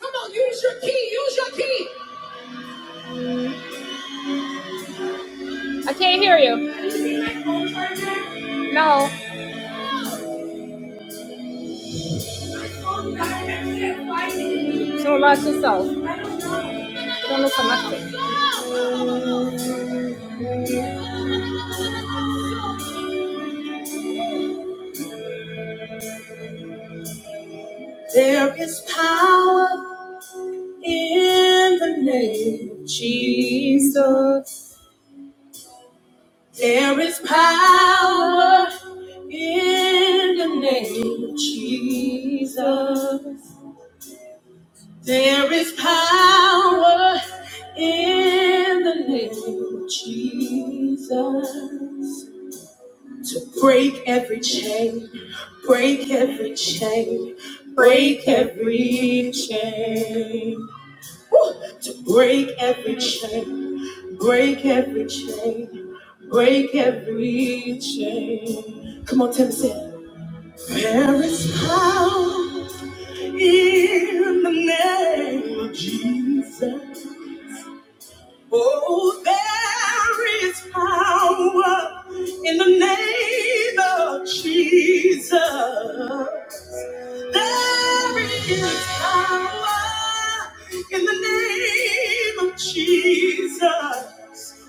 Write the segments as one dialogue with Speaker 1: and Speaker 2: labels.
Speaker 1: Come on, use your key, use your key. I don't know. There is power in the name of Jesus. There is power in the name of Jesus. There is power in the name of Jesus to break every chain. Break every chain, break every chain. Woo! To break every chain, break every chain, break every chain. Come on, Tim, say, it. there is power in the name of Jesus. Oh, there is power in the name of Jesus. There is power in the name of Jesus.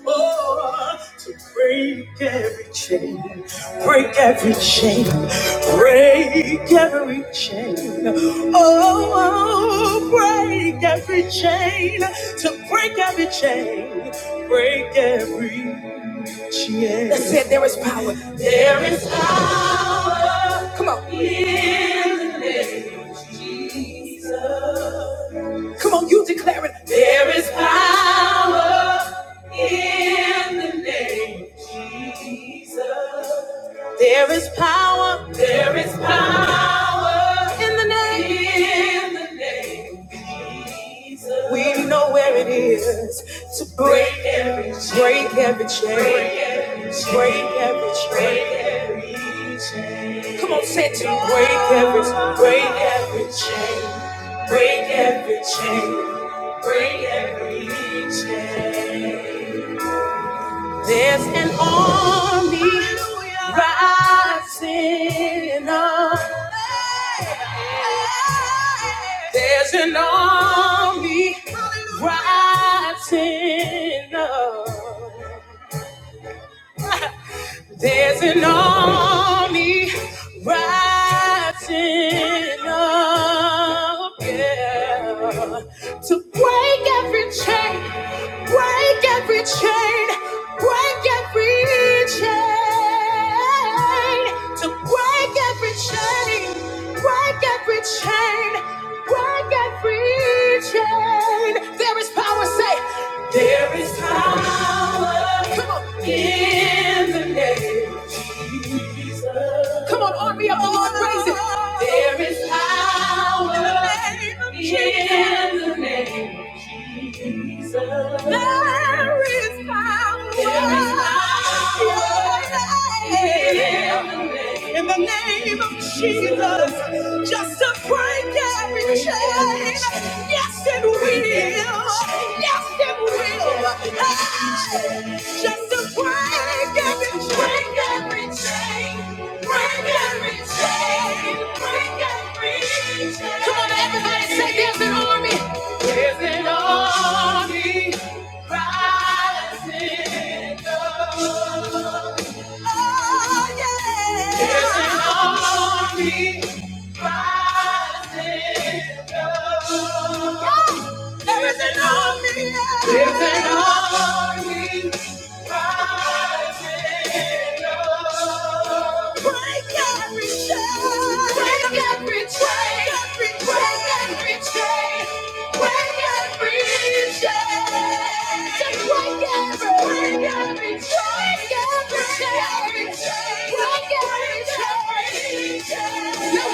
Speaker 1: Oh, to break every chain, break every chain, break every chain. Oh, break every chain, to break every chain, break every chain. That's it, there is power. There is power. Come on. Jesus. Come on, you declare it. There is power in the name of Jesus. There is power. There is power in the name. In the name of Jesus. We know where it is to break every chain. Break every chain. Break every chain. Break every chain. Break every chain. Come on, say it to me. break every break every chain. Break every chain. Break every chain. There's an army rising up. There's an army rising up. There's an army rising up yeah, to break every chain, break every chain, break every chain, to break every chain, break every chain, break every chain. There is power, say. There is power in the name. Come on, army of the Lord, praise it. There is power in the name of Jesus. There is power. There is power In the name of Jesus, just to break every chain. Yes, it will. Yes, it will. Hey! Just to break every break every chain, break every chain, break every chain. Come on, everybody, say there's an army. There's an army rising up. Oh, yeah. There's an army rising up. There is an army. There's an army. Now,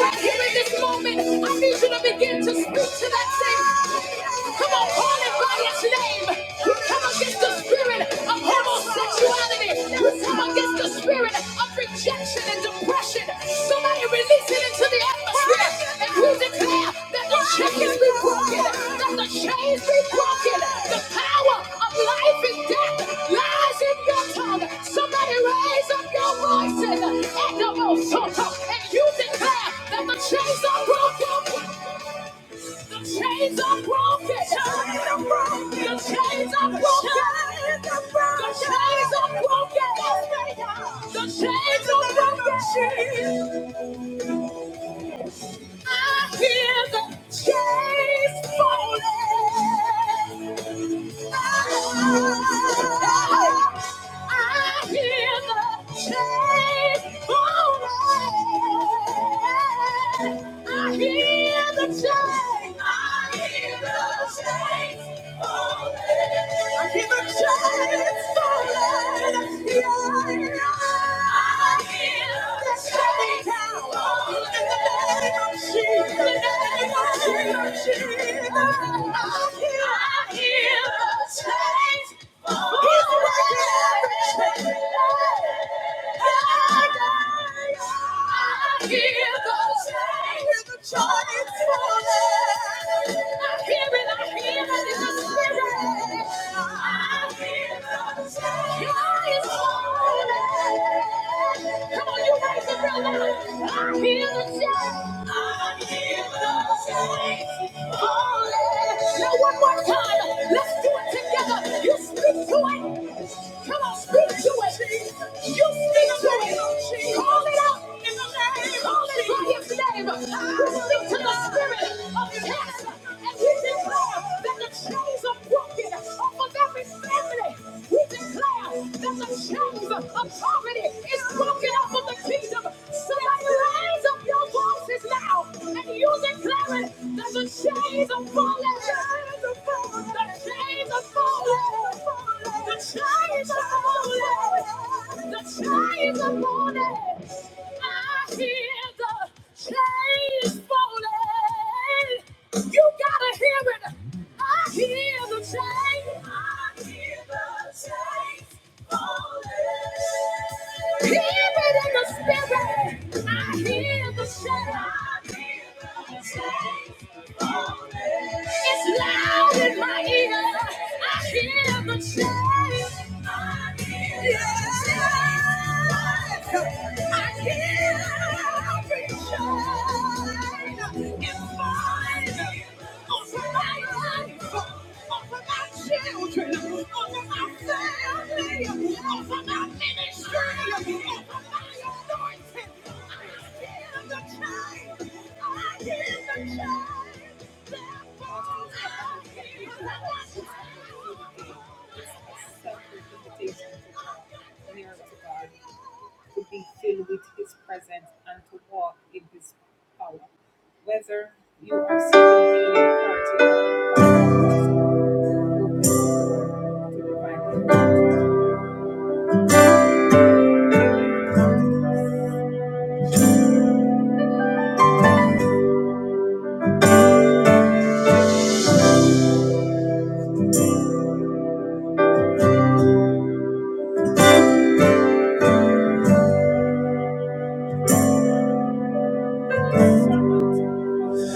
Speaker 1: right here in this moment, I need you to begin to speak to that thing. Come on, call it by its name. Come on come against the spirit of homosexuality. We come against the spirit of rejection and depression. Somebody release it into the atmosphere. And we declare that the chains be broken, that the chains be broken. The power of life and death lies in your tongue. Somebody raise up your voices and the most and you declare that the chains are broken. The chains are broken. The chains are broken. The chains are broken. The chains are broken. The chains are broken. I hear the chains falling. I hear the chains falling. I hear the chains. I hear the chains falling. I hear the chains falling. Yeah, yeah. I hear I hear it, I hear it in the spirit. I hear the change. Come on, you raise it real loud. I hear the shout. I hear the shout. Holy, Now one more time. Let's do it together. You speak to it. Come on, speak to it. You speak to it. Call it out. Call it by his name. We speak to the spirit of death. And we declare that the chains of broken off of every family. We declare that the chains of poverty is broken off of the kingdom. Somebody raise up your voices now and you declare it that the chains are falling. The chains are falling. The chains are falling. The chains are falling. I hear the chains falling. You gotta hear it. I hear the chain. I hear the chains falling. Hear it in the spirit. I hear the chain. I hear the chains falling. It's loud in my ear. I hear the chain. I hear the chains falling. I hear every chain to be filled with His presence and to walk in His power. Whether you are seeking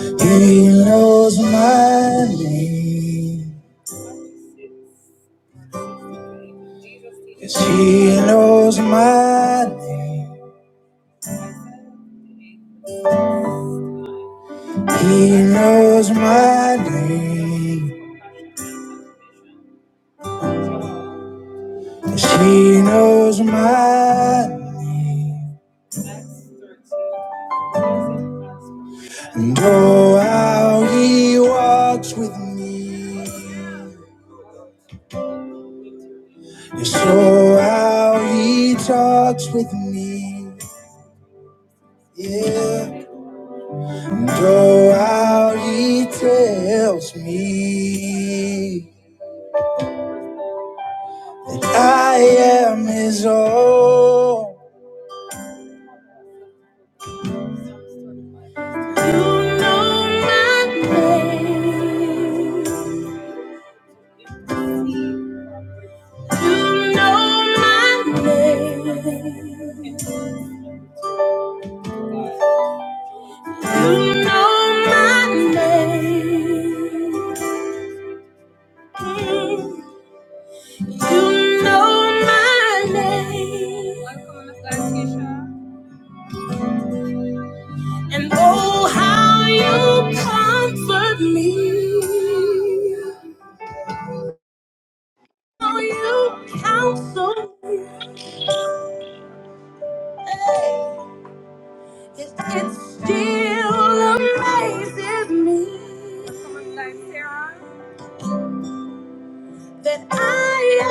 Speaker 1: to He knows my name. Yes, he knows my name. He knows my name. She knows my And oh, how he walks with me. Yes, oh, how he talks with me. Yeah. And oh, how he tells me. I am his own. You know my name. You know my name. You know my name. You know my name. And oh, how you comfort me. How you counsel me. It, it still raises me.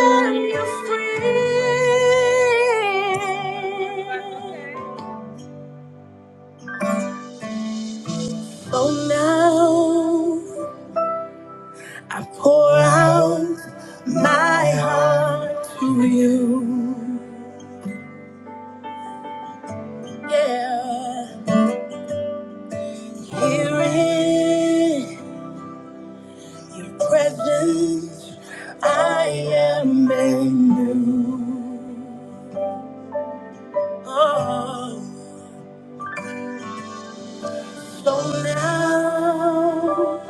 Speaker 1: Are you free? Oh, now I pour out my heart to you. Yeah, here in your presence, I am made new. Oh, so now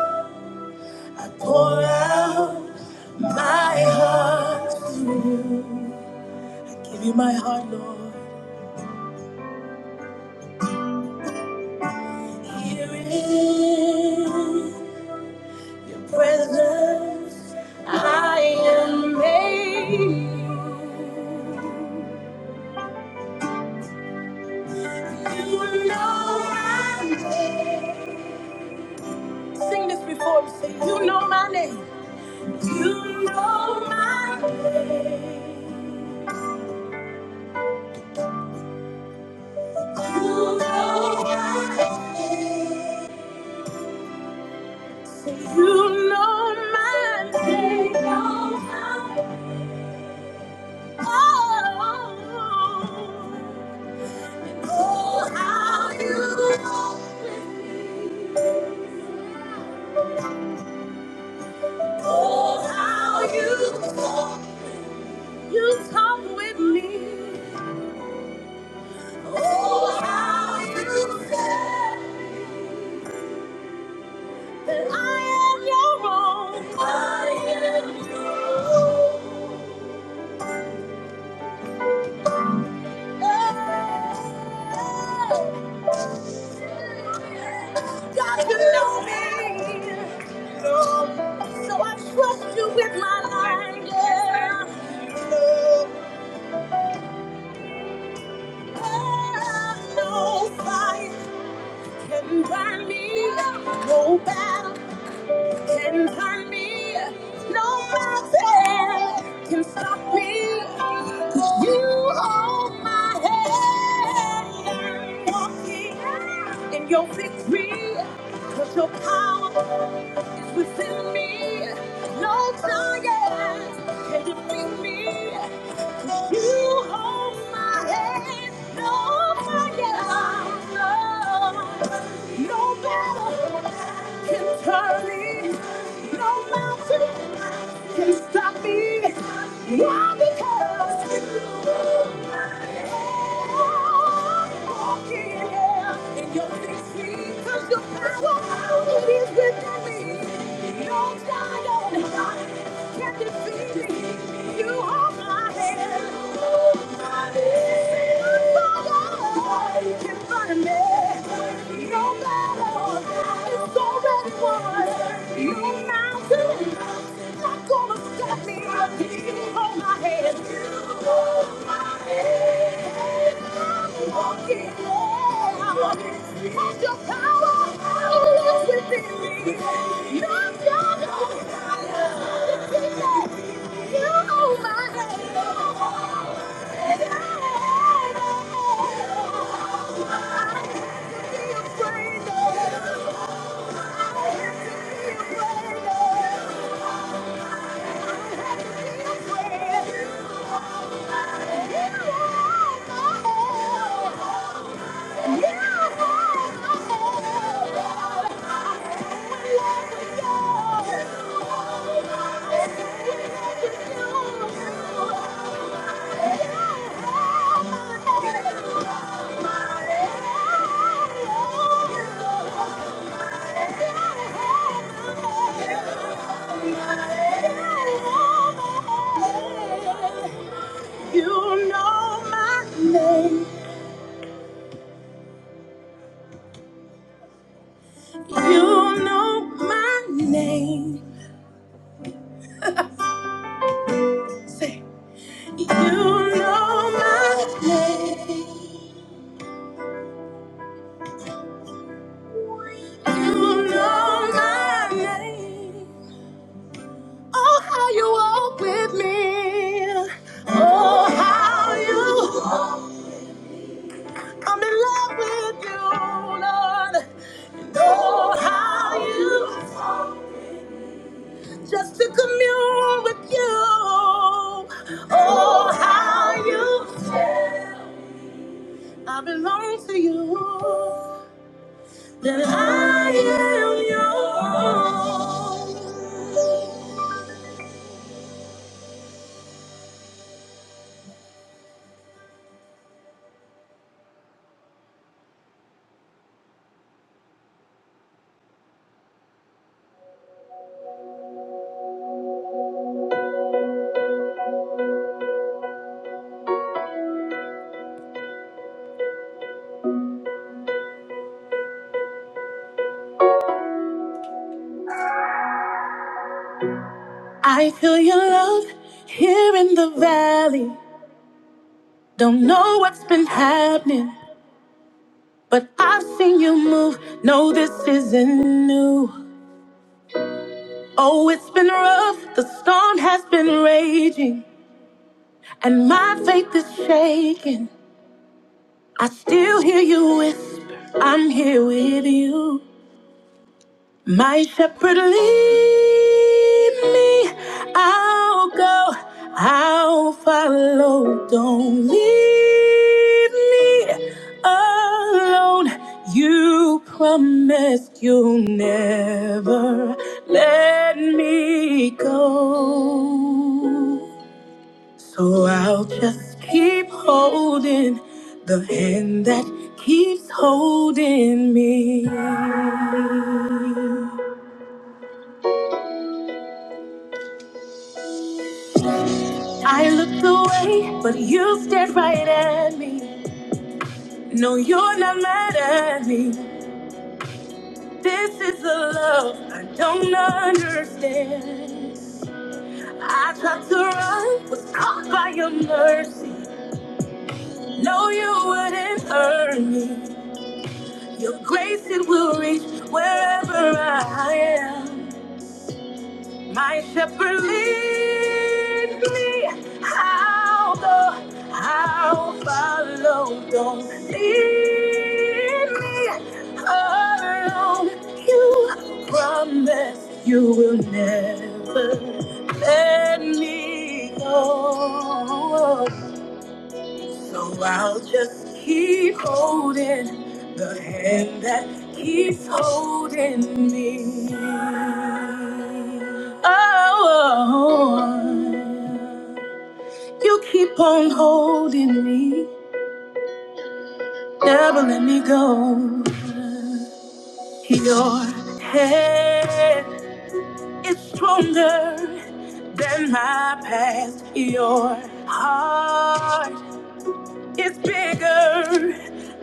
Speaker 1: I pour out my heart. Give you my heart, Lord. Here in your presence, I am made. You know my name. Sing this before we sing. You know my name. You know my name. You know my name. You know my name. You know my name. Oh, oh, how you. Oh, how you talk, you talk with me. Oh, how you said that I am your own. I am your own. Oh, God, you know me. You So I trust you with my life. Yeah. You know me. Oh, no fire. can burn me. No battle can turn me. No mountain can stop me. 'Cause You hold my hand. I'm walking in your victory. Cause your power is within me. No giant can defeat me. You hold my hand, no fire, no, no battle can turn me. no mountain can stop me. Why? Because you walking in your victory, 'cause your power is within me. No giant can defeat your power, oh, within me. Not Your power. Yeah. You know my name. You know my name. Say, you know my name. You know my name. Oh, how you walk with me. Oh, how you. I'm in love with you, Lord. Oh, how you. Just to commune with you. Oh, how you. That I am yours. I feel your love here in the valley. Don't know what's been happening, but I've seen you move. No, this isn't new. Oh, it's been rough. The storm has been raging, and my faith is shaking. I still hear you whisper, I'm here with you. My shepherd lead me, I'll go, I'll follow. Don't leave me alone. You promised you'll never let me go. So I'll just keep holding the hand that keeps holding me. I looked away, but you stared right at me. No, you're not mad at me. This is a love I don't understand. I tried to run, was caught by your mercy. No, you wouldn't hurt me. Your grace, it will reach wherever I am. My shepherd lead me. I'll go. I follow. Don't see You promise you will never let me go. So I'll just keep holding the hand that keeps holding me. Oh, you keep on holding me, never let me go. Your hand It's stronger than my past. Your heart is bigger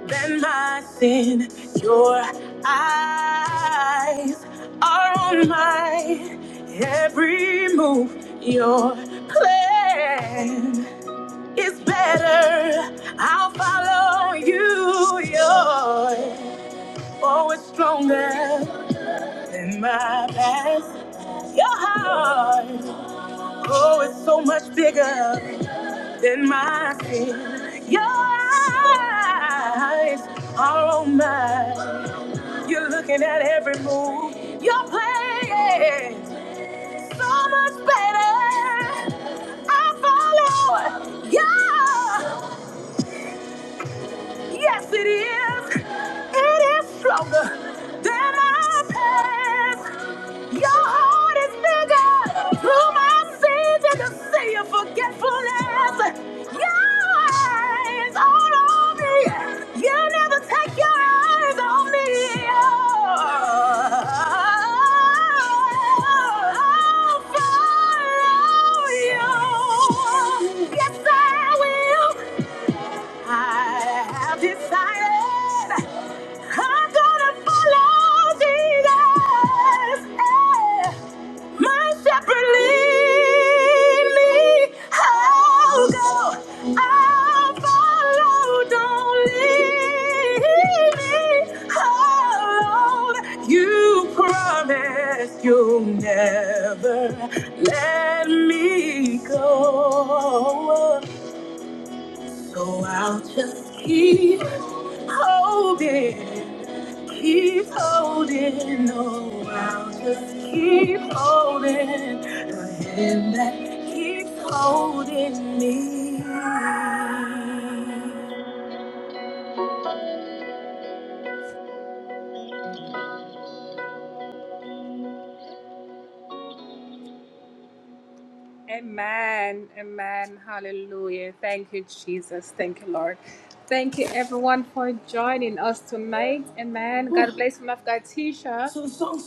Speaker 1: than my sin. Your eyes are on my every move. Your plan is better. I'll follow you. Your oh, it's stronger than my past. Your heart. Oh, it's so much bigger than my sin. Your eyes are on mine. You're looking at every move you're playing. So much better. I follow. Yeah. Yes, it is. It is stronger than our past. Your heart is bigger. Through my sins and the sea of forgetfulness. Your eyes all on me. You never take your eyes on me. Oh, follow you. Yes, I will. I have decided I'm gonna follow Jesus. Eh, My shepherd lead me. I'll go. I'll follow. Don't leave me alone. You promised you'll never let me go. So I'll just keep holding, keep holding. No, I'll just keep holding the hand that keeps holding me. So-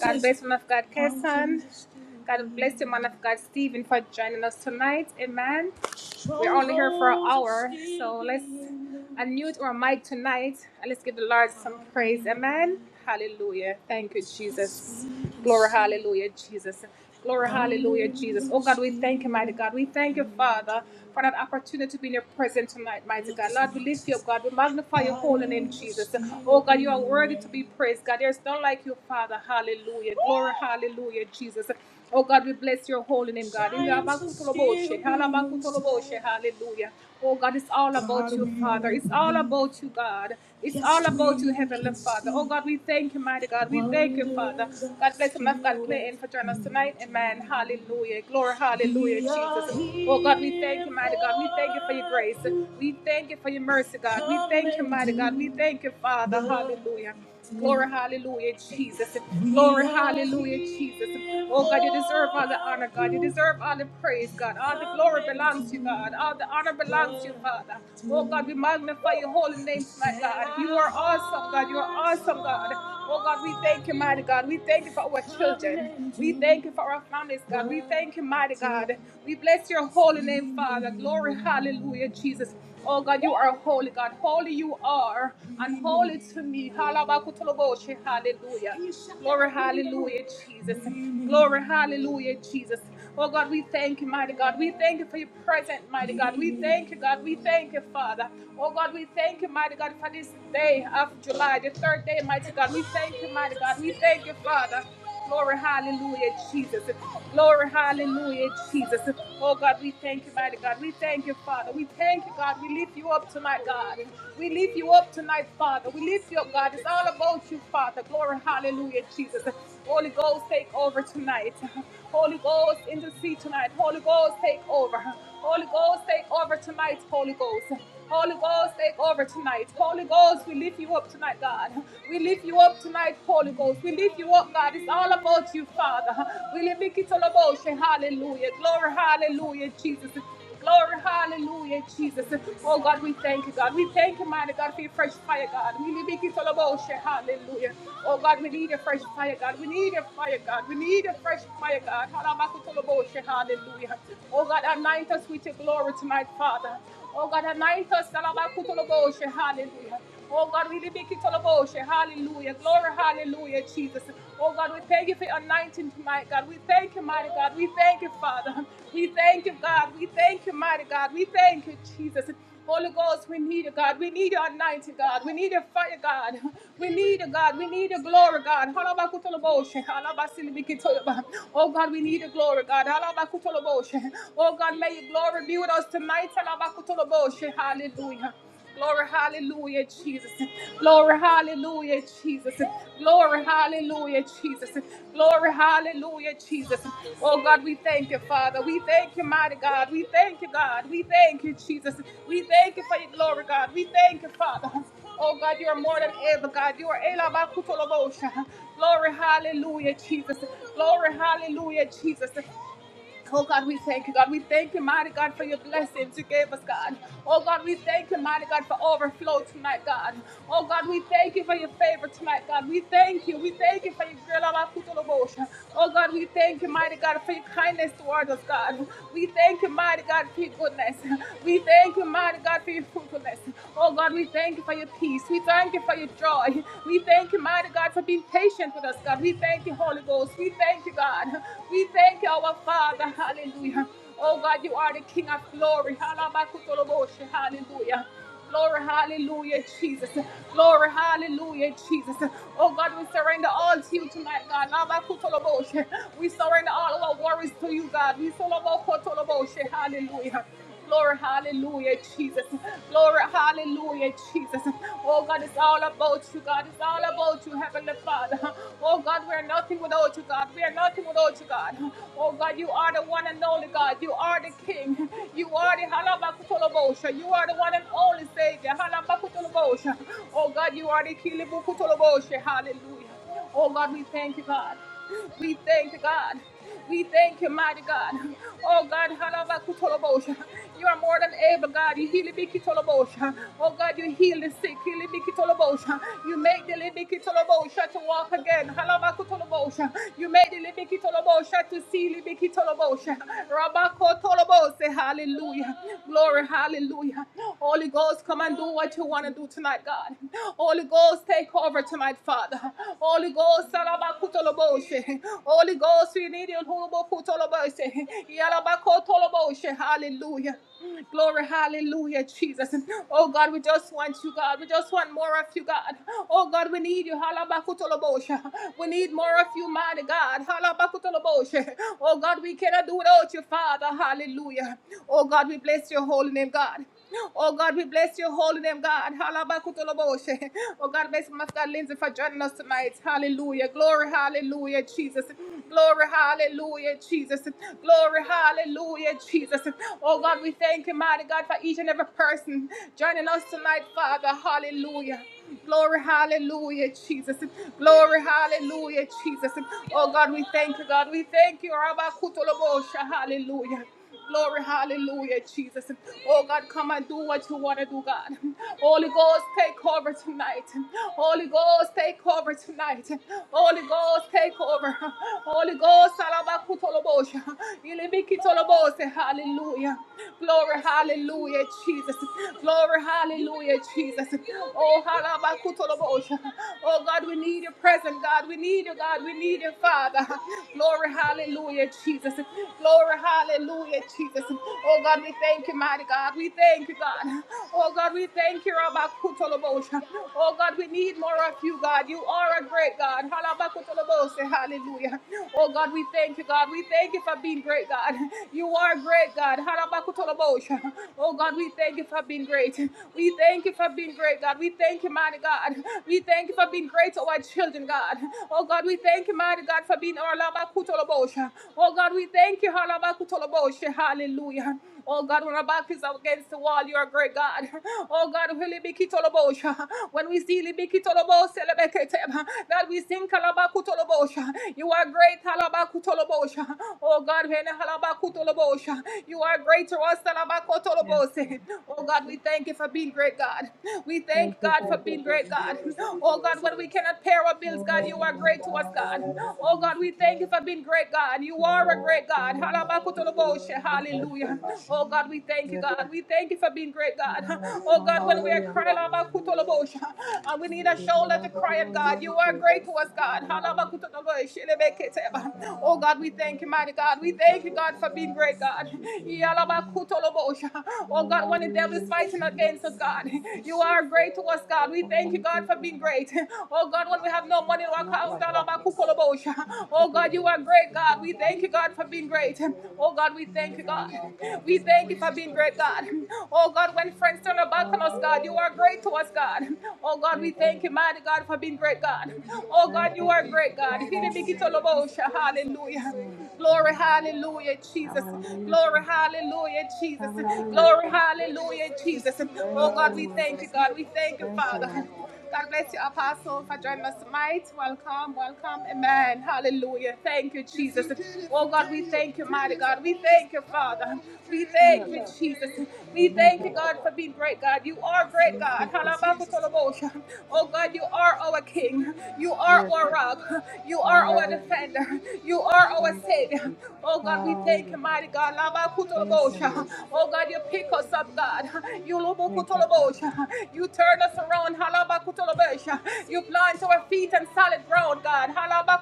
Speaker 1: Father, hallelujah. Glory, hallelujah, Jesus. God, we bless your holy name, God. Amakutoloboshe, Hallelujah. Oh God, it's all about you, Father. It's all about you, God. It's to heavenly Father. Oh God, we thank you, mighty God. you, Father. God bless him. I've got Clay for joining us tonight. Amen. Hallelujah. Glory, hallelujah. Praise. We thank you for your mercy, God. thank you, mighty God. We thank you, Father. are, a holy God. Holy you are, and holy to me. Halabakutoloboshi, Hallelujah. Glory, hallelujah, Jesus. Glory, hallelujah, Jesus. Oh God, we thank you, mighty God. We thank you for your presence, mighty God. We thank you, God. We thank you, Father. Oh God, we thank you, mighty God, for this day of July, the third day, mighty God. We thank you, mighty God. We thank you, Father. Glory, hallelujah, Jesus. Glory, hallelujah, Jesus. Oh God, we thank you, mighty God. We thank you, Father. We thank you, God. We lift you up tonight, God. We lift you up tonight, Father. We lift you up, God. It's all about you, Father. Glory, hallelujah, Jesus. Holy Ghost, take over tonight. Holy Ghost, intercede tonight. Holy Ghost, take over. Holy Ghost, take over tonight, Holy Ghost. Holy Ghost, take over tonight. Holy Ghost, we lift you up tonight, God. We lift you up tonight, Holy Ghost. We lift you up, God. It's all about you, Father. We lift it all about you. Hallelujah. Glory, hallelujah, Jesus. Glory, hallelujah, Jesus. Oh God, we thank you, God. We thank you, mighty God, for your fresh fire, God. We need it all about you, hallelujah. Oh God, we need a fresh fire, God. We need a fire, God. We need a fresh fire, God. Halabaka tolo bo she, Hallelujah. Oh God, anoint us with your glory tonight, Father. Oh God, anoint us, halabaka tolo bo hallelujah. Oh God, we need it all about you, hallelujah. Glory, hallelujah, Jesus. Oh God, we thank you for your anointing tonight, God. We thank you, mighty God. We thank you, Father. We thank you, God. We thank you, mighty God. We thank you, Jesus. Holy Ghost, we need you, God. We need your anointing, God. We need your fire, God. We need you, God. We need your glory, God. Oh God, we need your glory, God. Oh God, may your glory be with us tonight. Hallelujah. Glory, hallelujah, Jesus. Glory, hallelujah, Jesus. Glory, hallelujah, Jesus. Glory, hallelujah, Jesus. Oh God, we thank you, Father. We thank you, mighty God. We thank you, God. We thank you, Jesus. We thank you for your glory, God. We thank you, Father. Oh God, you are more than able, God. You are able. Glory, hallelujah, Jesus. Glory, hallelujah, Jesus. Oh God, we thank you, God. We thank you, mighty God, for your blessings you gave us, God. Oh God, we thank you, mighty God, for overflow tonight, God. Oh God, we thank you for your favor tonight, God. We thank you. We thank you for your great love and total Oh God, we thank you, mighty God, for your kindness towards us, God. We thank you, mighty God, for your goodness. We thank you, mighty God, for your fruitfulness. Oh God, we thank you for your peace. We thank you for your joy. We thank you, mighty God, for being patient with us, God. We thank you, Holy Ghost. We thank you, God. We thank you, our Father. Father. Hallelujah. Oh God, you are the King of glory. Hallelujah. Glory, hallelujah, Jesus. Glory, hallelujah, Jesus. Oh God, we surrender all to you tonight, God. Labakutoloboshe. We surrender all our worries to you, God. We surrender all solobokotoloboshe. Hallelujah. Glory, hallelujah, Jesus. Glory, hallelujah, Jesus. Oh God, it's all about you, God. It's all about you, Heavenly Father. Oh God, we are nothing without you, God. We are nothing without you, God. Oh God, you are the one and only God. You are the King. You are the Halabakutolobosha. You are the one and only Savior. Halabakutolobosha. Oh God, you are the Kilibukutolobosha. Hallelujah. Oh God, we thank you, God. We thank you, God. We thank you, mighty God. Oh God, halava halabakutolobosha. you are more than able, God. You heal the bikitolobosha. Oh God, you heal the sick. Heal the bikitolobosha. You make the libikitolobosha to walk again. halava Halabakutolobosha. You make the libikitolobosha to see libikitolobosha. Rabakotolobose. Hallelujah. Glory, hallelujah. Holy Ghost, come and do what you want to do tonight, God. Holy Ghost, take over tonight, Father. Holy Ghost, salabakutoloboshe. Holy Holy Ghost, we need you. Hallelujah. Glory, hallelujah, Jesus. Oh God, we just want you, God. We just want more of you, God. Oh God, we need you. Halabakutolobosha. We need more of you, mighty God. Halabakutolobosha. Oh God, we cannot do without you, Father. Hallelujah. Oh God, we bless your holy name, God. Oh God, we bless your holy name, God. Halabakutoloboshe. Oh God, bless my God Lindsay for joining us tonight. Hallelujah. Glory, hallelujah, Jesus. Glory, hallelujah, Jesus. Glory, hallelujah, Jesus. Oh God, we thank you, mighty God, for each and every person joining us tonight, Father. Hallelujah. Glory, hallelujah, Jesus. Glory, hallelujah, Jesus. Oh God, we thank you, God. We thank you, Rabakutoloboshe. Hallelujah. Glory, hallelujah, Jesus. Oh God, come and do what you want to do, God. Holy Ghost, take over tonight. Holy Ghost, take over tonight. Holy Ghost, take over. Holy Ghost, salabakutolobosha. Ilibikitolobose, hallelujah. Glory, hallelujah, Jesus. Glory, hallelujah, Jesus. Oh, halabakutolobosha. oh God, we need your presence, God. We need you, God. We need you, Father. Glory, hallelujah, Jesus. Glory, hallelujah. Hallelujah, Jesus. Oh God, we thank you, mighty God. We thank you, God. Oh God, we thank you, Rabba Kutolobosha. Oh God, we need more of you, God. You are a great God. Halabba Kutolobosha. Hallelujah. Oh God, we thank you, God. We thank you for being great, God. You are great, God. Halabba Kutolobosha. Oh God, we thank you for being great. We thank you for being great, God. We thank you, mighty God. We thank you for being great to our children, God. Oh God, we thank you, mighty God, for being our Labakutolobosha. Oh God, we thank you, Halabakutolobosha. Hallelujah. Oh God, when our back is up against the wall, you are great God. Oh God, Hulibikitolobosha. when we see Libikitolobosha, Lebeketeba, God, we sing Kalabakutolobosha. You are great, Halabakutolobosha. Oh God, when Halabakutolobosha. you are great to us,
Speaker 2: Yes, Lord.
Speaker 1: Halabakotolobose. Oh God, we thank you for being great, God. We
Speaker 2: Thank
Speaker 1: thank
Speaker 2: you,
Speaker 1: God for
Speaker 2: Jesus.
Speaker 1: being great, God. Oh God, when we cannot pay our bills, God,
Speaker 2: Thank
Speaker 1: you
Speaker 2: you,
Speaker 1: are
Speaker 2: God.
Speaker 1: great to us, God.
Speaker 2: Hallelujah.
Speaker 1: Oh God, we thank you for being great, God. You are a
Speaker 2: Glory
Speaker 1: great
Speaker 2: to your name,
Speaker 1: God.
Speaker 2: Jesus. We bless you,
Speaker 1: Hallelujah.
Speaker 2: Father.
Speaker 1: Oh God, we thank you,
Speaker 2: Yes,
Speaker 1: God.
Speaker 2: God.
Speaker 1: We thank you for being great, God.
Speaker 2: Yes.
Speaker 1: Oh God, when we are
Speaker 2: Hallelujah.
Speaker 1: crying, Alabakutolobosha, and we
Speaker 2: We
Speaker 1: need a
Speaker 2: give you
Speaker 1: shoulder to
Speaker 2: all the
Speaker 1: cry at,
Speaker 2: glory and all
Speaker 1: God. You
Speaker 2: the
Speaker 1: are
Speaker 2: praise,
Speaker 1: great
Speaker 2: oh
Speaker 1: to us,
Speaker 2: God.
Speaker 1: God.
Speaker 2: Hallelujah. Oh God, we
Speaker 1: Oh
Speaker 2: ask
Speaker 1: God,
Speaker 2: you
Speaker 1: we
Speaker 2: to
Speaker 1: thank
Speaker 2: bless
Speaker 1: you,
Speaker 2: us
Speaker 1: mighty
Speaker 2: and
Speaker 1: God. We
Speaker 2: praise us,
Speaker 1: thank you,
Speaker 2: oh
Speaker 1: God,
Speaker 2: God,
Speaker 1: for
Speaker 2: in
Speaker 1: being
Speaker 2: the
Speaker 1: great,
Speaker 2: name of
Speaker 1: God.
Speaker 2: Jesus.
Speaker 1: Yalabakutolobosha. Oh God, when the devil is
Speaker 2: Hallelujah,
Speaker 1: fighting against us,
Speaker 2: Jesus.
Speaker 1: God,
Speaker 2: God.
Speaker 1: you are great to us, God. We
Speaker 2: Father,
Speaker 1: thank you,
Speaker 2: we
Speaker 1: God,
Speaker 2: thank you,
Speaker 1: for
Speaker 2: God.
Speaker 1: being
Speaker 2: that
Speaker 1: great. Oh God, when we have no money in our
Speaker 2: we're Not
Speaker 1: account,
Speaker 2: like you, Father.
Speaker 1: Alabakutolobosha.
Speaker 2: But you would
Speaker 1: oh
Speaker 2: forgive
Speaker 1: God,
Speaker 2: us,
Speaker 1: you are
Speaker 2: Lord.
Speaker 1: great,
Speaker 2: Forgive
Speaker 1: God.
Speaker 2: our
Speaker 1: We
Speaker 2: hearts
Speaker 1: thank you, God, for being great. Oh God, we
Speaker 2: and
Speaker 1: thank
Speaker 2: our
Speaker 1: you, God.
Speaker 2: minds, oh God,
Speaker 1: We
Speaker 2: in the
Speaker 1: thank you
Speaker 2: name
Speaker 1: for
Speaker 2: of
Speaker 1: being great,
Speaker 2: Jesus.
Speaker 1: God. Oh God, when friends turn their back on us, God, you
Speaker 2: Hallelujah,
Speaker 1: are
Speaker 2: Jesus.
Speaker 1: great to us, God. Oh God, we
Speaker 2: Thank you,
Speaker 1: thank you,
Speaker 2: Lord.
Speaker 1: mighty God, for being great, God. Oh
Speaker 2: Thank
Speaker 1: God, you
Speaker 2: you,
Speaker 1: are
Speaker 2: Jesus.
Speaker 1: great, God.
Speaker 2: Hallelujah.
Speaker 1: Hallelujah.
Speaker 2: Mm.
Speaker 1: Glory, hallelujah, Jesus.
Speaker 2: Hallelujah,
Speaker 1: Glory,
Speaker 2: Jesus.
Speaker 1: hallelujah, Jesus.
Speaker 2: Hallelujah,
Speaker 1: Glory,
Speaker 2: Jesus.
Speaker 1: hallelujah, Jesus. Oh
Speaker 2: Thank
Speaker 1: God,
Speaker 2: you,
Speaker 1: we
Speaker 2: Lord God.
Speaker 1: thank you, God. We thank you,
Speaker 2: Thank you, Lord.
Speaker 1: Father. God bless you, Apostle, for joining us tonight. Welcome, welcome. Amen. Hallelujah. Thank you, Jesus. Oh, God, we thank you, mighty God. We thank you, Father. We
Speaker 2: Yes,
Speaker 1: thank you,
Speaker 2: God.
Speaker 1: Jesus. We
Speaker 2: Thank
Speaker 1: thank
Speaker 2: you,
Speaker 1: you,
Speaker 2: Lord.
Speaker 1: God, for being great, God. You are great,
Speaker 2: Thank you,
Speaker 1: God.
Speaker 2: Jesus.
Speaker 1: Halabakutolobosha. Oh, God, you are our King. You are
Speaker 2: Yes,
Speaker 1: our
Speaker 2: God.
Speaker 1: rock. You are our
Speaker 2: Hallelujah.
Speaker 1: defender. You are our
Speaker 2: Thank you,
Speaker 1: Savior.
Speaker 2: Jesus.
Speaker 1: Oh, God, we thank
Speaker 2: Hallelujah,
Speaker 1: you,
Speaker 2: God.
Speaker 1: mighty God.
Speaker 2: Thank you,
Speaker 1: Labakutolobosha.
Speaker 2: Lord.
Speaker 1: Oh, God, you pick us up, God.
Speaker 2: Thank you,
Speaker 1: You
Speaker 2: Jesus.
Speaker 1: you turn us around. You plant our feet on solid ground, God.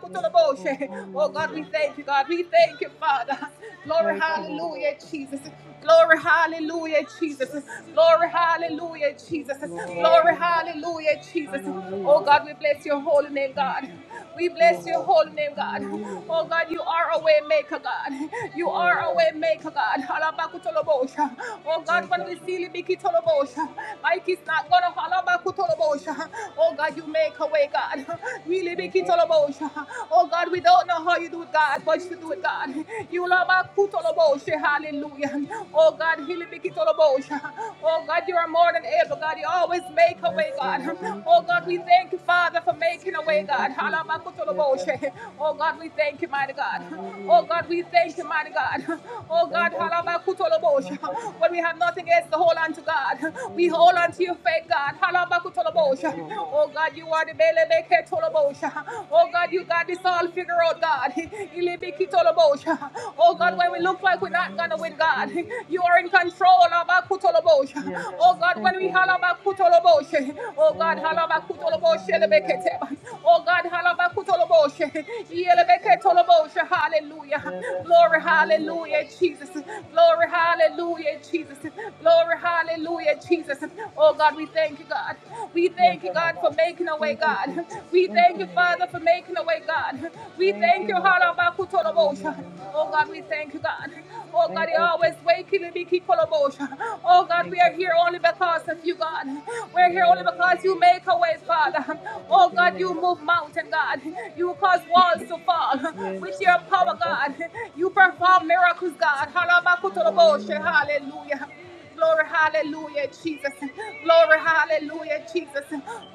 Speaker 2: Yes, Lord.
Speaker 1: Oh, God, we
Speaker 2: Hallelujah.
Speaker 1: thank you, God. We thank you, Father. Glory,
Speaker 2: Thank you, Lord.
Speaker 1: hallelujah, Jesus. Glory, hallelujah, Jesus. Glory, hallelujah, Jesus.
Speaker 2: Glory to
Speaker 1: Glory,
Speaker 2: your name, Jesus.
Speaker 1: hallelujah, Jesus.
Speaker 2: Hallelujah.
Speaker 1: Oh, God, we bless your holy name,
Speaker 2: Thank
Speaker 1: God.
Speaker 2: you, Jesus.
Speaker 1: We bless
Speaker 2: Glory
Speaker 1: your
Speaker 2: to
Speaker 1: holy
Speaker 2: God.
Speaker 1: name, God.
Speaker 2: Hallelujah,
Speaker 1: Oh
Speaker 2: God.
Speaker 1: God, you are a way maker, God. You
Speaker 2: Yes,
Speaker 1: are a
Speaker 2: Lord.
Speaker 1: way maker, God. Halabakutolobosha. Oh God,
Speaker 2: Thank you,
Speaker 1: when we
Speaker 2: Jesus.
Speaker 1: see Libikitolobosha, Mike is not gonna halabakutolobosha. Oh God, you make a way, God. We
Speaker 2: Thank you, Jesus.
Speaker 1: libikitolobosha. Oh God, we don't know how you do it, God, but you do it, God. You labakutolobosha. Hallelujah. Oh God, hilibikitolobosha. Oh God, you are more than able, God. You always make a
Speaker 2: Yes,
Speaker 1: way, God.
Speaker 2: Lord. Thank
Speaker 1: Oh
Speaker 2: you,
Speaker 1: God, we
Speaker 2: God.
Speaker 1: thank you, Father. Father, for making a way,
Speaker 2: Thank you,
Speaker 1: God.
Speaker 2: Jesus. Yes, God.
Speaker 1: Halabakutulaboshe. Oh, God, we thank you, mighty God. Oh,
Speaker 2: Hallelujah,
Speaker 1: God,
Speaker 2: God.
Speaker 1: we thank you, mighty God.
Speaker 2: We
Speaker 1: Oh,
Speaker 2: Thank
Speaker 1: God,
Speaker 2: you, Jesus. We
Speaker 1: halabakutulaboshe.
Speaker 2: Bless you, God.
Speaker 1: when we have nothing else to hold on to, God, we
Speaker 2: Hallelujah,
Speaker 1: hold on
Speaker 2: God.
Speaker 1: to your faith, God.
Speaker 2: Yes,
Speaker 1: Halabakutulaboshe.
Speaker 2: Lord.
Speaker 1: Oh, God, you are the belebeketulaboshe. Oh, God, you got this all figured out, God. Ilibikitulaboshe. Oh, God,
Speaker 2: Yes,
Speaker 1: when we
Speaker 2: God.
Speaker 1: look like we're not going to
Speaker 2: Hallelujah,
Speaker 1: win, God,
Speaker 2: Jesus.
Speaker 1: you are in control. Abakutulaboshe.
Speaker 2: Yes,
Speaker 1: Oh,
Speaker 2: God.
Speaker 1: God,
Speaker 2: Thank
Speaker 1: when we
Speaker 2: you, Lord.
Speaker 1: halabakutulaboshe. Oh, God, God,
Speaker 2: Thank you, Father. Hallelujah.
Speaker 1: Oh God,
Speaker 2: Thank you, Jesus.
Speaker 1: hallelujah.
Speaker 2: Yes, God.
Speaker 1: Glory,
Speaker 2: Hallelujah.
Speaker 1: hallelujah, Jesus. Glory, hallelujah, Jesus. Glory, hallelujah, Jesus. Oh God, we thank you, God. We
Speaker 2: Yes,
Speaker 1: thank you, God,
Speaker 2: God.
Speaker 1: for making a way,
Speaker 2: Thank you,
Speaker 1: God.
Speaker 2: Jesus.
Speaker 1: We
Speaker 2: Thank
Speaker 1: thank
Speaker 2: you,
Speaker 1: you,
Speaker 2: Lord.
Speaker 1: Father, for making a way, God. We
Speaker 2: Thank
Speaker 1: thank
Speaker 2: you,
Speaker 1: you,
Speaker 2: Lord.
Speaker 1: halabakutoloboshe.
Speaker 2: Hallelujah.
Speaker 1: Oh God, we
Speaker 2: Hallelujah.
Speaker 1: thank you, God. Oh God,
Speaker 2: Thank
Speaker 1: you're
Speaker 2: you,
Speaker 1: always
Speaker 2: Jesus.
Speaker 1: waking me, keep motion. Oh God,
Speaker 2: Thank
Speaker 1: we
Speaker 2: you,
Speaker 1: are here
Speaker 2: Father.
Speaker 1: only because of you, God. We're here only
Speaker 2: Yes,
Speaker 1: because
Speaker 2: Lord.
Speaker 1: you make a way, Father.
Speaker 2: Glory
Speaker 1: Oh
Speaker 2: to your
Speaker 1: God,
Speaker 2: name,
Speaker 1: you move
Speaker 2: Jesus.
Speaker 1: mountain, God. You cause walls to fall
Speaker 2: Yes,
Speaker 1: with your
Speaker 2: God.
Speaker 1: power,
Speaker 2: Thank you,
Speaker 1: God.
Speaker 2: Jesus.
Speaker 1: You perform miracles, God.
Speaker 2: Hallelujah.
Speaker 1: Hallelujah. Glory, hallelujah, Jesus. Glory, hallelujah, Jesus.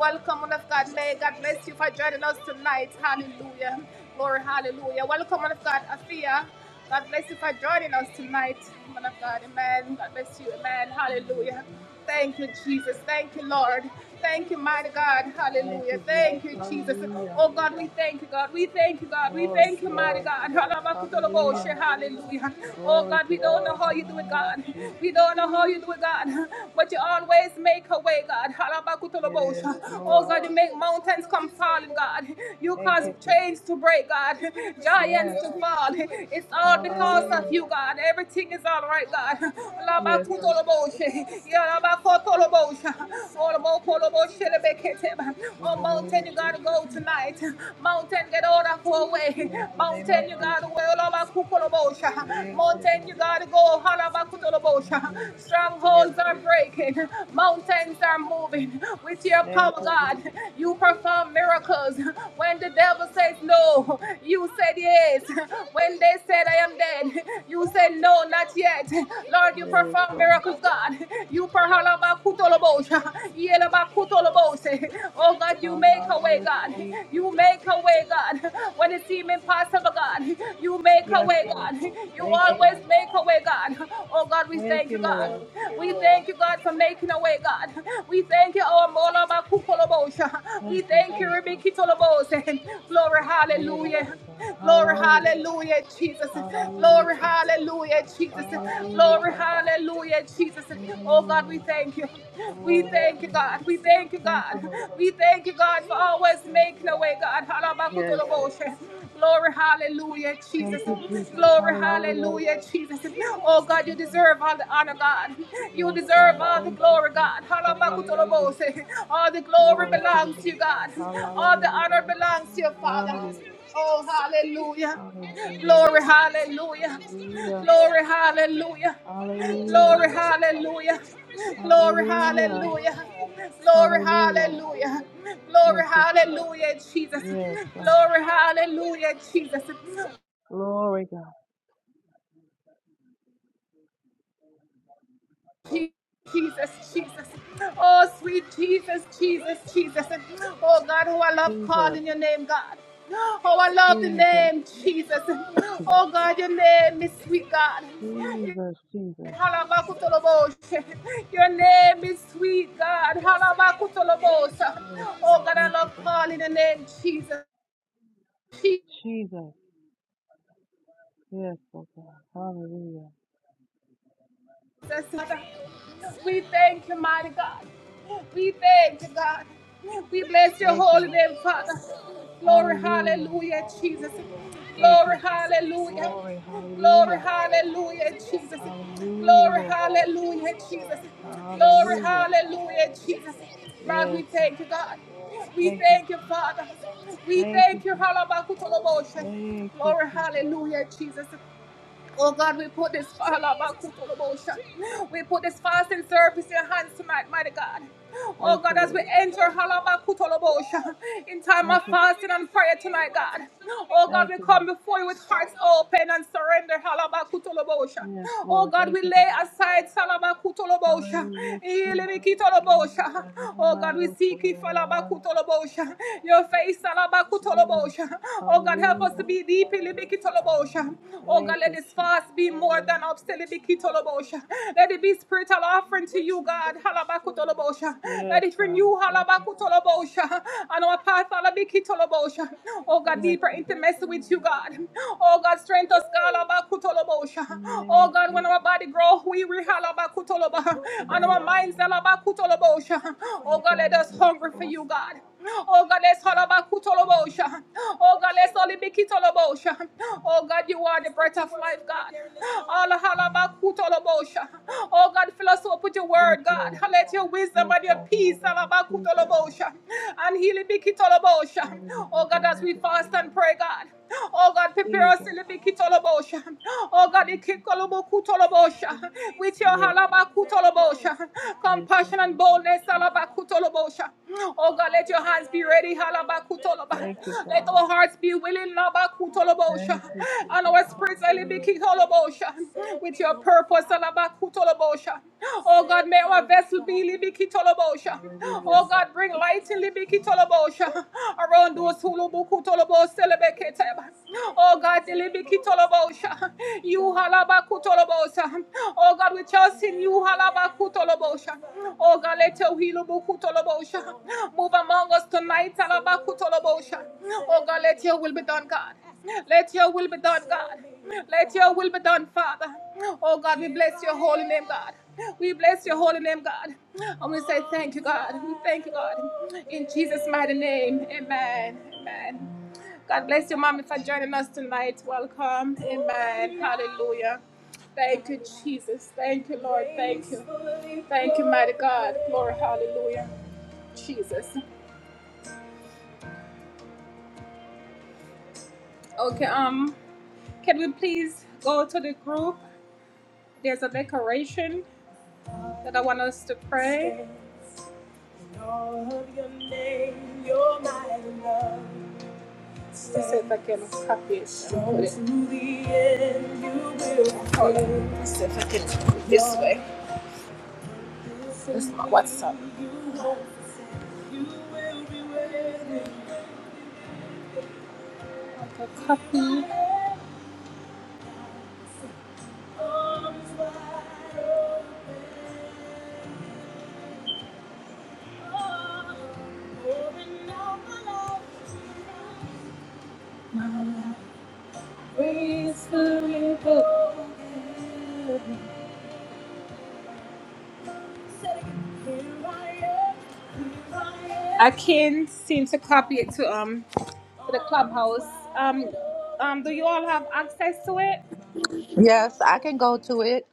Speaker 1: Welcome, one of God. May God bless you for joining us tonight. Hallelujah. Glory, hallelujah. Welcome, one of God, Afia. God bless you for joining us tonight, man of God. Amen. God bless you. Amen. Hallelujah.
Speaker 2: Amen.
Speaker 1: Thank you, Jesus. Thank you, Lord. Thank you, mighty God.
Speaker 2: Thank
Speaker 1: Hallelujah.
Speaker 2: you, Jesus.
Speaker 1: Thank you, Jesus.
Speaker 2: Hallelujah.
Speaker 1: Oh God, we thank you, God. We thank you, God. We
Speaker 2: Glory
Speaker 1: thank
Speaker 2: to
Speaker 1: you,
Speaker 2: your
Speaker 1: mighty
Speaker 2: name,
Speaker 1: God.
Speaker 2: Jesus.
Speaker 1: Halabakutoloboshe.
Speaker 2: Hallelujah.
Speaker 1: Hallelujah. Oh
Speaker 2: Glory
Speaker 1: God,
Speaker 2: to
Speaker 1: we
Speaker 2: God.
Speaker 1: don't know how you do it,
Speaker 2: Hallelujah,
Speaker 1: God. We
Speaker 2: Jesus.
Speaker 1: don't know how you do it, God. But you always make a way, God. Halabakutoloboshe.
Speaker 2: Yes,
Speaker 1: Oh
Speaker 2: Lord.
Speaker 1: God, you make mountains come falling, God. You
Speaker 2: Thank
Speaker 1: cause
Speaker 2: you, Jesus.
Speaker 1: chains to break, God, giants
Speaker 2: Yes.
Speaker 1: to fall. It's all because of
Speaker 2: Hallelujah.
Speaker 1: you, God. Everything is all right, God.
Speaker 2: Yes, Lord.
Speaker 1: Labakutoloboshe. Yalabakotoloboshe. Olobokoloboshelebeketem.
Speaker 2: In
Speaker 1: Oh,
Speaker 2: the name of
Speaker 1: mountain, you gotta
Speaker 2: Jesus.
Speaker 1: go tonight. Mountain, get out of our way.
Speaker 2: In the name of
Speaker 1: Mountain, you
Speaker 2: Jesus.
Speaker 1: gotta go. Olobakutoloboshe.
Speaker 2: Thank you,
Speaker 1: Mountain,
Speaker 2: God.
Speaker 1: you gotta go.
Speaker 2: Mm.
Speaker 1: Halabakutoloboshe.
Speaker 2: Yes,
Speaker 1: Strongholds are
Speaker 2: Lord. Thank
Speaker 1: breaking,
Speaker 2: you, Jesus.
Speaker 1: mountains are moving with your power,
Speaker 2: Thank you,
Speaker 1: God.
Speaker 2: Jesus.
Speaker 1: You perform miracles. When the devil says no, you said yes. When they said I am dead, you said no, not yet. Lord, you
Speaker 2: Yes,
Speaker 1: perform
Speaker 2: Lord.
Speaker 1: miracles, God. You perform Oh God, you make a way,
Speaker 2: Hallelujah,
Speaker 1: God.
Speaker 2: Jesus.
Speaker 1: You make a way, God. When it seems impossible, God, you make a
Speaker 2: Yes,
Speaker 1: way,
Speaker 2: Lord.
Speaker 1: God. You
Speaker 2: Thank you, God.
Speaker 1: always make a way, God. Oh God, we
Speaker 2: Thank
Speaker 1: thank you,
Speaker 2: you, Lord.
Speaker 1: God. We thank you, God, for making a way, God. We thank you, our Mola Bakukolobosha. We
Speaker 2: Thank you,
Speaker 1: thank you,
Speaker 2: Jesus.
Speaker 1: Rebecca Tolobose. Glory,
Speaker 2: Glory
Speaker 1: hallelujah.
Speaker 2: to God.
Speaker 1: Glory,
Speaker 2: Hallelujah.
Speaker 1: hallelujah, Jesus.
Speaker 2: Hallelujah,
Speaker 1: Glory,
Speaker 2: Jesus.
Speaker 1: hallelujah, Jesus.
Speaker 2: Hallelujah,
Speaker 1: Glory,
Speaker 2: Father.
Speaker 1: hallelujah, Jesus. Oh God, we
Speaker 2: Mm.
Speaker 1: thank you thank you. We
Speaker 2: Glory to
Speaker 1: thank you,
Speaker 2: your name,
Speaker 1: God. We
Speaker 2: Jesus.
Speaker 1: thank you,
Speaker 2: Thank
Speaker 1: God.
Speaker 2: you, Lord.
Speaker 1: We thank you, God, for always
Speaker 2: Thank you,
Speaker 1: making a
Speaker 2: Lord.
Speaker 1: way, God.
Speaker 2: Yes, God.
Speaker 1: Halabakutoloboshe. Glory, hallelujah,
Speaker 2: Thank
Speaker 1: Jesus.
Speaker 2: you, Jesus.
Speaker 1: Glory,
Speaker 2: Hallelujah.
Speaker 1: hallelujah, Jesus. Oh, God, you
Speaker 2: Mm.
Speaker 1: deserve all the honor, God. You
Speaker 2: Yes,
Speaker 1: deserve
Speaker 2: God.
Speaker 1: all the
Speaker 2: Thank you,
Speaker 1: glory, God.
Speaker 2: Jesus. Hallelujah.
Speaker 1: Halabakutoloboshe. All the glory
Speaker 2: Glory to your
Speaker 1: belongs to
Speaker 2: name,
Speaker 1: you,
Speaker 2: God.
Speaker 1: God. All
Speaker 2: Hallelujah.
Speaker 1: the
Speaker 2: We
Speaker 1: honor
Speaker 2: bless you,
Speaker 1: belongs to
Speaker 2: God.
Speaker 1: your
Speaker 2: We honor
Speaker 1: Father.
Speaker 2: you, Lord.
Speaker 1: Oh, hallelujah.
Speaker 2: Hallelujah. You're
Speaker 1: Glory,
Speaker 2: great.
Speaker 1: hallelujah.
Speaker 2: Hallelujah.
Speaker 1: Glory, hallelujah.
Speaker 2: Hallelujah.
Speaker 1: Glory, hallelujah. Glory,
Speaker 2: Hallelujah.
Speaker 1: hallelujah. Glory,
Speaker 2: Hallelujah.
Speaker 1: hallelujah.
Speaker 2: Thank
Speaker 1: Glory,
Speaker 2: you, Jesus.
Speaker 1: hallelujah, Jesus.
Speaker 2: Yes, God.
Speaker 1: Glory, hallelujah, Jesus.
Speaker 2: Glory, God.
Speaker 1: Je- Jesus, Jesus. Oh, sweet Jesus, Jesus, Jesus. Oh, God, who I love
Speaker 2: Jesus.
Speaker 1: calling your name, God. Oh, I love the
Speaker 2: Jesus.
Speaker 1: name, Jesus. Oh, God, your name is sweet, God.
Speaker 2: Jesus. Jesus.
Speaker 1: Halabakutolobos. Your name is sweet, God. Halabakutolobos.
Speaker 2: Yes,
Speaker 1: Oh,
Speaker 2: Lord.
Speaker 1: God, I
Speaker 2: Thank you,
Speaker 1: love
Speaker 2: God.
Speaker 1: calling the name Jesus. Jesus.
Speaker 2: Jesus. Yes, Lord God. Hallelujah.
Speaker 1: We thank you, mighty God. We thank you, God. We bless your
Speaker 2: Thank you,
Speaker 1: holy
Speaker 2: Lord.
Speaker 1: name, Father. Glory,
Speaker 2: Hallelujah.
Speaker 1: hallelujah, Jesus.
Speaker 2: Thank you,
Speaker 1: Glory,
Speaker 2: Jesus.
Speaker 1: hallelujah.
Speaker 2: Glory.
Speaker 1: Glory,
Speaker 2: Hallelujah.
Speaker 1: hallelujah, Jesus.
Speaker 2: Hallelujah,
Speaker 1: Glory,
Speaker 2: Lord.
Speaker 1: hallelujah, Jesus. Glory,
Speaker 2: Hallelujah.
Speaker 1: hallelujah, Jesus. God,
Speaker 2: Yes,
Speaker 1: we
Speaker 2: God.
Speaker 1: thank you, God. We
Speaker 2: Thank you,
Speaker 1: thank you,
Speaker 2: Jesus.
Speaker 1: Father. We
Speaker 2: Thank you,
Speaker 1: thank you,
Speaker 2: Jesus.
Speaker 1: Halabakutoloboshe.
Speaker 2: Thank you,
Speaker 1: Glory,
Speaker 2: Jesus.
Speaker 1: hallelujah, Jesus. Oh God, we put this we put this fasting service in your hands tonight, mighty God. Oh
Speaker 2: Thank
Speaker 1: God,
Speaker 2: you,
Speaker 1: as we
Speaker 2: Lord.
Speaker 1: enter halabakutolobosha, in time
Speaker 2: Thank
Speaker 1: of
Speaker 2: you.
Speaker 1: fasting and prayer tonight, God. Oh God,
Speaker 2: Thank
Speaker 1: we
Speaker 2: you, Lord.
Speaker 1: come before you with hearts open and surrender halabakutolobosha.
Speaker 2: Yes,
Speaker 1: Oh
Speaker 2: Lord.
Speaker 1: God,
Speaker 2: Thank
Speaker 1: we
Speaker 2: you, God.
Speaker 1: lay aside salabakutolobosha,
Speaker 2: Hallelujah, Jesus. Glory to
Speaker 1: ilibikitolobosha.
Speaker 2: God.
Speaker 1: Oh God, we
Speaker 2: Ramando
Speaker 1: seek you,
Speaker 2: Kurarararaba.
Speaker 1: falabakutolobosha. your face.
Speaker 2: Jesus.
Speaker 1: Oh God, help us to
Speaker 2: Hallelujah.
Speaker 1: be deeply libikitolobosha. Oh
Speaker 2: Thank
Speaker 1: God, let
Speaker 2: you,
Speaker 1: this
Speaker 2: Jesus.
Speaker 1: fast be more
Speaker 2: Glory.
Speaker 1: than obselibikitolobosha. Let it be spiritual offering to you, God. Halabakutolobosha.
Speaker 2: Yes,
Speaker 1: Let it
Speaker 2: God.
Speaker 1: renew
Speaker 2: Thank you.
Speaker 1: halabakutolobosha. And our path halabikitolobosha. Oh God,
Speaker 2: Yes,
Speaker 1: deeper
Speaker 2: God.
Speaker 1: intimacy with you, God. Oh God, strength us, God. halabakutolobosha.
Speaker 2: In the name
Speaker 1: Oh
Speaker 2: of
Speaker 1: God, when our
Speaker 2: Jesus.
Speaker 1: body grow, we halabakutoloba. And
Speaker 2: Thank
Speaker 1: our
Speaker 2: you,
Speaker 1: minds
Speaker 2: Father.
Speaker 1: halabakutolobosha. Oh
Speaker 2: Oh,
Speaker 1: God, let
Speaker 2: God.
Speaker 1: us
Speaker 2: Yes,
Speaker 1: hunger for
Speaker 2: Lord.
Speaker 1: you, God. Oh God, let's all about Kutolobosha. Oh God, let's all be Kitolobosha. Oh God, you are the breath of life, God. All halaba Kutolobosha. Oh God, fill us up with your
Speaker 2: Yes,
Speaker 1: word, God.
Speaker 2: Lord.
Speaker 1: Let your wisdom
Speaker 2: Yes,
Speaker 1: and your
Speaker 2: God. In
Speaker 1: peace
Speaker 2: the name of
Speaker 1: halaba
Speaker 2: Jesus.
Speaker 1: Kutolobosha. And healing be Kitolobosha. Oh
Speaker 2: Hallelujah,
Speaker 1: God,
Speaker 2: God.
Speaker 1: as we
Speaker 2: Everywhere,
Speaker 1: fast and
Speaker 2: Lord.
Speaker 1: pray, God. Oh God, prepare us
Speaker 2: Jesus.
Speaker 1: in the Mikitolobosha. Oh God, the Kikolobokutolobosha. With your
Speaker 2: Yes, Lord.
Speaker 1: Halabakutolobosha.
Speaker 2: Yes, Father.
Speaker 1: Compassion and
Speaker 2: In the name of
Speaker 1: boldness,
Speaker 2: Jesus.
Speaker 1: Halabakutolobosha. Oh God, let your hands be ready, Halabakutoloba.
Speaker 2: Thank you,
Speaker 1: Let
Speaker 2: Father.
Speaker 1: our hearts be willing, Labakutolobosha.
Speaker 2: Thank you,
Speaker 1: And
Speaker 2: Jesus.
Speaker 1: our spirits,
Speaker 2: Hallelujah.
Speaker 1: Halabakutolobosha. With your purpose, Halabakutolobosha. Oh God, may our vessel be Libikitolobosha.
Speaker 2: Hallelujah.
Speaker 1: Oh God, bring light in Libikitolobosha. Biki tolobosha. Around
Speaker 2: Thank
Speaker 1: those
Speaker 2: you.
Speaker 1: who
Speaker 2: Jesus.
Speaker 1: lubuku tolobos celebekete. Oh God, delibiki tolobosha. You halabaku tolobosa. Oh God, we trust in you halabaku tolobosha. Oh God, let your hilubuku tolobosha. Move among us tonight halabaku tolobosha. Oh God, let your will be done, God. Let your will be done, God. Let your will be done, Father. Oh God, we bless your holy name, God. We bless your Lord, your name. you're my love. Hold it. Here I am, here I am.
Speaker 3: Yes, I can go to it.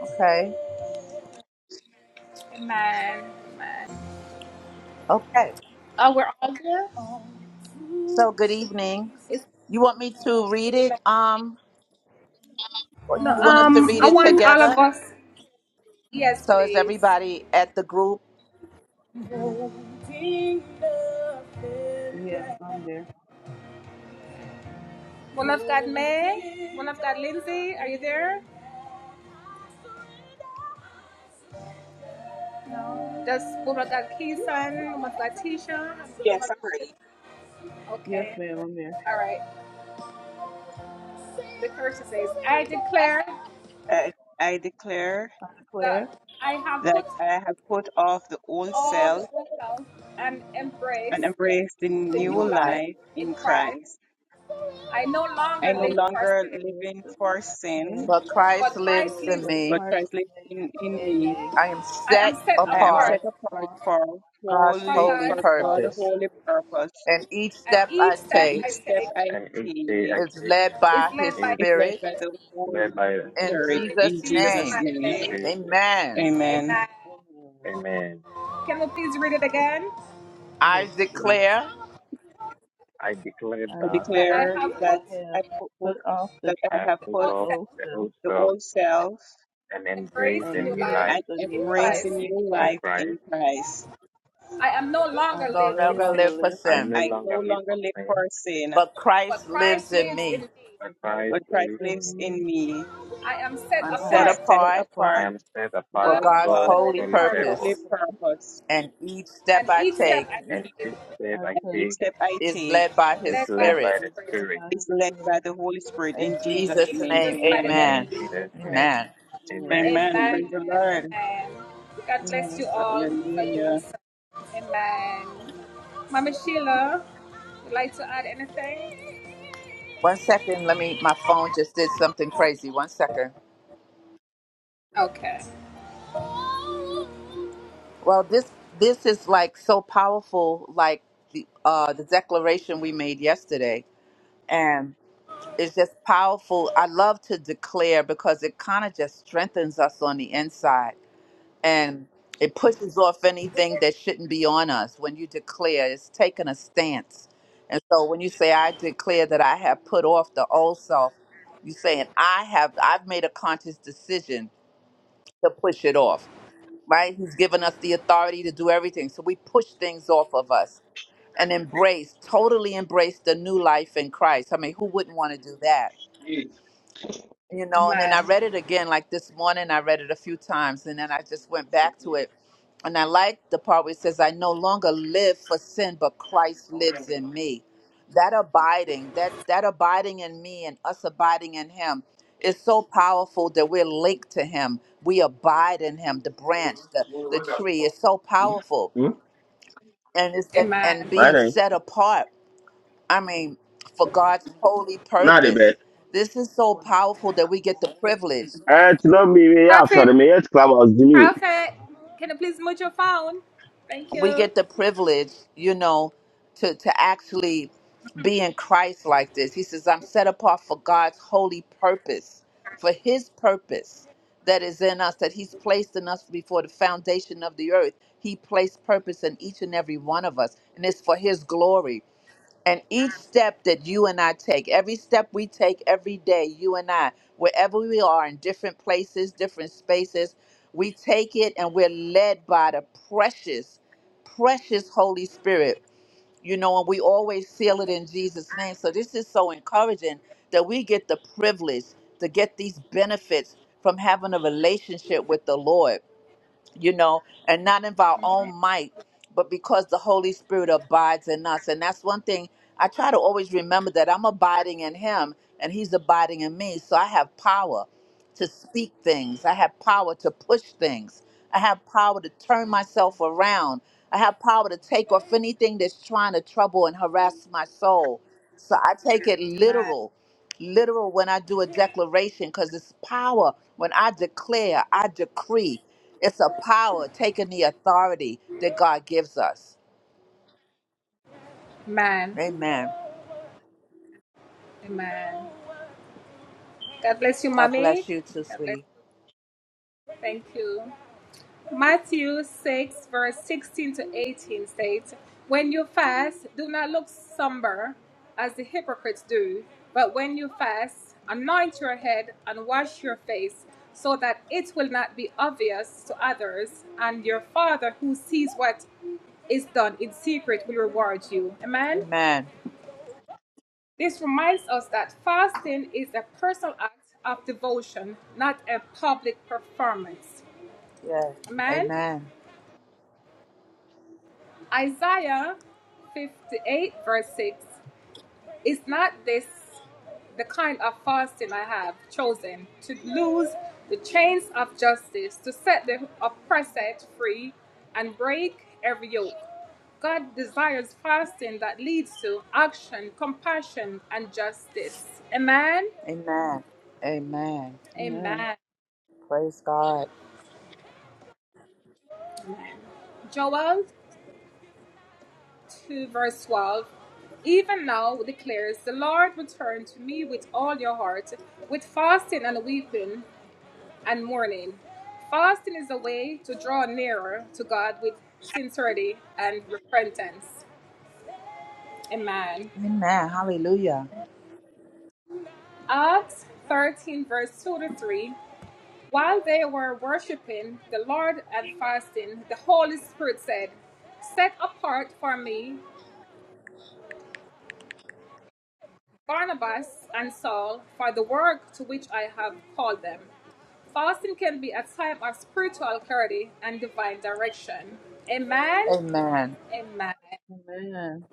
Speaker 3: Okay. Okay. So good evening. You want me to read it? Um or you want us to read it together? So is everybody at the group
Speaker 2: Yes, I'm there.
Speaker 4: Yes, I'm ready.
Speaker 2: Yes, ma'am, I'm there.
Speaker 4: I, I declare
Speaker 2: I declare
Speaker 4: that I have put off the old self and embraced the
Speaker 3: New
Speaker 4: new
Speaker 3: Life?
Speaker 4: life in Christ. I
Speaker 2: I
Speaker 4: no
Speaker 2: no
Speaker 4: longer
Speaker 2: longer
Speaker 4: live
Speaker 2: live
Speaker 4: in
Speaker 2: to
Speaker 4: for sin,
Speaker 2: sin,
Speaker 3: But Christ lives in
Speaker 2: but
Speaker 4: but
Speaker 3: me.
Speaker 2: Christ
Speaker 4: Christ lives in,
Speaker 2: lives
Speaker 4: in
Speaker 2: in
Speaker 4: me.
Speaker 2: me.
Speaker 3: I am set
Speaker 2: I
Speaker 4: I
Speaker 2: am
Speaker 4: am
Speaker 3: apart,
Speaker 2: set
Speaker 4: set apart
Speaker 2: apart
Speaker 4: for
Speaker 3: God's
Speaker 4: holy
Speaker 3: holy
Speaker 4: for God
Speaker 2: for
Speaker 3: purpose.
Speaker 2: God
Speaker 4: holy purpose,
Speaker 3: And each step I
Speaker 4: and each
Speaker 3: take
Speaker 4: step I
Speaker 5: and each day
Speaker 4: take
Speaker 5: I
Speaker 3: is
Speaker 5: take
Speaker 3: led by his
Speaker 5: is
Speaker 4: is
Speaker 2: is
Speaker 4: led
Speaker 3: spirit
Speaker 4: by the
Speaker 2: led by His
Speaker 4: Holy
Speaker 5: led by the
Speaker 2: Spirit
Speaker 5: Holy
Speaker 3: in
Speaker 4: Spirit
Speaker 5: Spirit.
Speaker 4: in
Speaker 3: Jesus'
Speaker 2: in
Speaker 4: Jesus'
Speaker 3: name.
Speaker 2: Jesus'
Speaker 4: name.
Speaker 5: In
Speaker 2: name.
Speaker 5: Jesus'
Speaker 3: Amen.
Speaker 5: name.
Speaker 4: Amen.
Speaker 2: Amen.
Speaker 5: Amen.
Speaker 2: Yes,
Speaker 3: I
Speaker 2: please.
Speaker 3: declare,
Speaker 5: I declare
Speaker 2: I
Speaker 4: I
Speaker 5: that
Speaker 2: declare
Speaker 4: declare
Speaker 2: that
Speaker 4: that
Speaker 2: I
Speaker 4: I
Speaker 2: have
Speaker 4: put,
Speaker 2: put
Speaker 4: put-
Speaker 2: off the
Speaker 4: that
Speaker 5: I
Speaker 4: I
Speaker 5: have
Speaker 4: have
Speaker 5: put
Speaker 4: put
Speaker 5: off
Speaker 2: old
Speaker 5: the
Speaker 2: self
Speaker 5: old
Speaker 4: the
Speaker 5: self
Speaker 4: old self
Speaker 5: and embrace
Speaker 2: and
Speaker 5: the new
Speaker 4: and
Speaker 2: embraced
Speaker 5: life
Speaker 2: the new
Speaker 4: embrace
Speaker 2: life
Speaker 4: the
Speaker 2: in
Speaker 4: new
Speaker 5: in
Speaker 2: Christ.
Speaker 4: life in
Speaker 5: Christ.
Speaker 4: Christ.
Speaker 2: I
Speaker 3: will
Speaker 2: no
Speaker 3: never
Speaker 2: longer
Speaker 3: live for
Speaker 2: live for
Speaker 5: I
Speaker 3: sin.
Speaker 5: no
Speaker 4: I
Speaker 2: sin,
Speaker 4: no
Speaker 5: longer live
Speaker 4: longer
Speaker 5: for
Speaker 4: live for
Speaker 5: sin,
Speaker 4: sin,
Speaker 3: but Christ lives in me.
Speaker 5: but
Speaker 2: but Christ
Speaker 5: Christ
Speaker 4: but
Speaker 2: lives
Speaker 4: Christ
Speaker 5: lives
Speaker 2: in
Speaker 4: lives
Speaker 2: me.
Speaker 5: in
Speaker 4: in
Speaker 5: me.
Speaker 4: me.
Speaker 3: I'm
Speaker 2: I
Speaker 4: I
Speaker 3: set
Speaker 2: am
Speaker 4: set
Speaker 2: set
Speaker 3: apart
Speaker 2: apart
Speaker 5: I
Speaker 4: apart
Speaker 5: am set
Speaker 2: But
Speaker 5: apart
Speaker 3: for
Speaker 4: for
Speaker 5: for
Speaker 2: God
Speaker 3: God's
Speaker 4: God,
Speaker 5: God's
Speaker 3: holy
Speaker 5: holy
Speaker 2: holy
Speaker 4: holy
Speaker 5: purpose,
Speaker 3: purpose,
Speaker 2: purpose,
Speaker 4: purpose,
Speaker 3: and each step I take
Speaker 2: and each
Speaker 5: and
Speaker 4: and
Speaker 5: each
Speaker 2: step
Speaker 5: step
Speaker 2: I
Speaker 5: I
Speaker 4: each
Speaker 2: take
Speaker 5: take
Speaker 4: step I
Speaker 3: is
Speaker 4: take
Speaker 3: led by
Speaker 5: is
Speaker 3: His
Speaker 5: led by
Speaker 3: Spirit.
Speaker 5: the
Speaker 2: is made
Speaker 5: Spirit.
Speaker 2: by His
Speaker 4: is led by
Speaker 2: Spirit.
Speaker 4: the Holy Spirit
Speaker 3: In
Speaker 4: in Jesus'
Speaker 3: Jesus'
Speaker 4: name.
Speaker 3: name,
Speaker 4: Amen.
Speaker 2: In
Speaker 5: In
Speaker 3: amen.
Speaker 2: Jesus'
Speaker 5: Jesus' name.
Speaker 2: name,
Speaker 3: Amen.
Speaker 5: Amen.
Speaker 2: Amen.
Speaker 4: Amen. Praise the Lord.
Speaker 2: Amen.
Speaker 4: Hallelujah.
Speaker 3: One second, let me, my phone just did something crazy. One second. Well, this this is like so powerful, like the uh, the declaration we made yesterday, and it's just powerful. I love to declare because it kind of just strengthens us on the inside and it pushes off anything that shouldn't be on us when you declare it's taking a stance and so when you say i declare that i have put off the old self you're saying i have i've made a conscious decision to push it off right he's given us the authority to do everything so we push things off of us and embrace totally embrace the new life in christ i mean who wouldn't want to do that you know and then i read it again like this morning i read it a few times and then i just went back to it and i like the part where it says i no longer live for sin but christ lives in me that abiding that that abiding in me and us abiding in him is so powerful that we're linked to him we abide in him the branch the, the tree is so powerful and it's and, and
Speaker 6: My
Speaker 3: being
Speaker 6: name.
Speaker 3: set apart i mean for god's holy
Speaker 6: Not a
Speaker 3: purpose
Speaker 6: bad.
Speaker 3: this is so powerful that we get the privilege
Speaker 6: Uh, to not be me, yeah, sorry, me, yes, club was me.
Speaker 3: we get the privilege, you know, to to actually be in Christ like this. He says, "I'm set apart for God's holy purpose, for His purpose that is in us, that He's placed in us before the foundation of the earth. He placed purpose in each and every one of us, and it's for His glory. And each step that you and I take, every step we take every day, you and I, wherever we are in different places, different spaces, we take it and we're led by the precious, precious Holy Spirit. You know, and we always seal it in Jesus' name. So this is so encouraging that we get the privilege to get these benefits from having a relationship with the Lord you know, and not of our own might, but because the Holy Spirit abides in us. And that's one thing I try to always remember that I'm abiding in Him and He's abiding in me. So I have power to speak things, I have power to push things, I have power to turn myself around, I have power to take off anything that's trying to trouble and harass my soul. So I take it literal literal when I do a declaration because it's power. When I declare, I decree. It's a power taking the authority that God gives us. Amen. God bless you too, sweetie. Amen. Yes. Amen. Amen. Amen.
Speaker 2: Amen.
Speaker 3: Praise God. Amen. Hallelujah. Amen.
Speaker 2: Amen.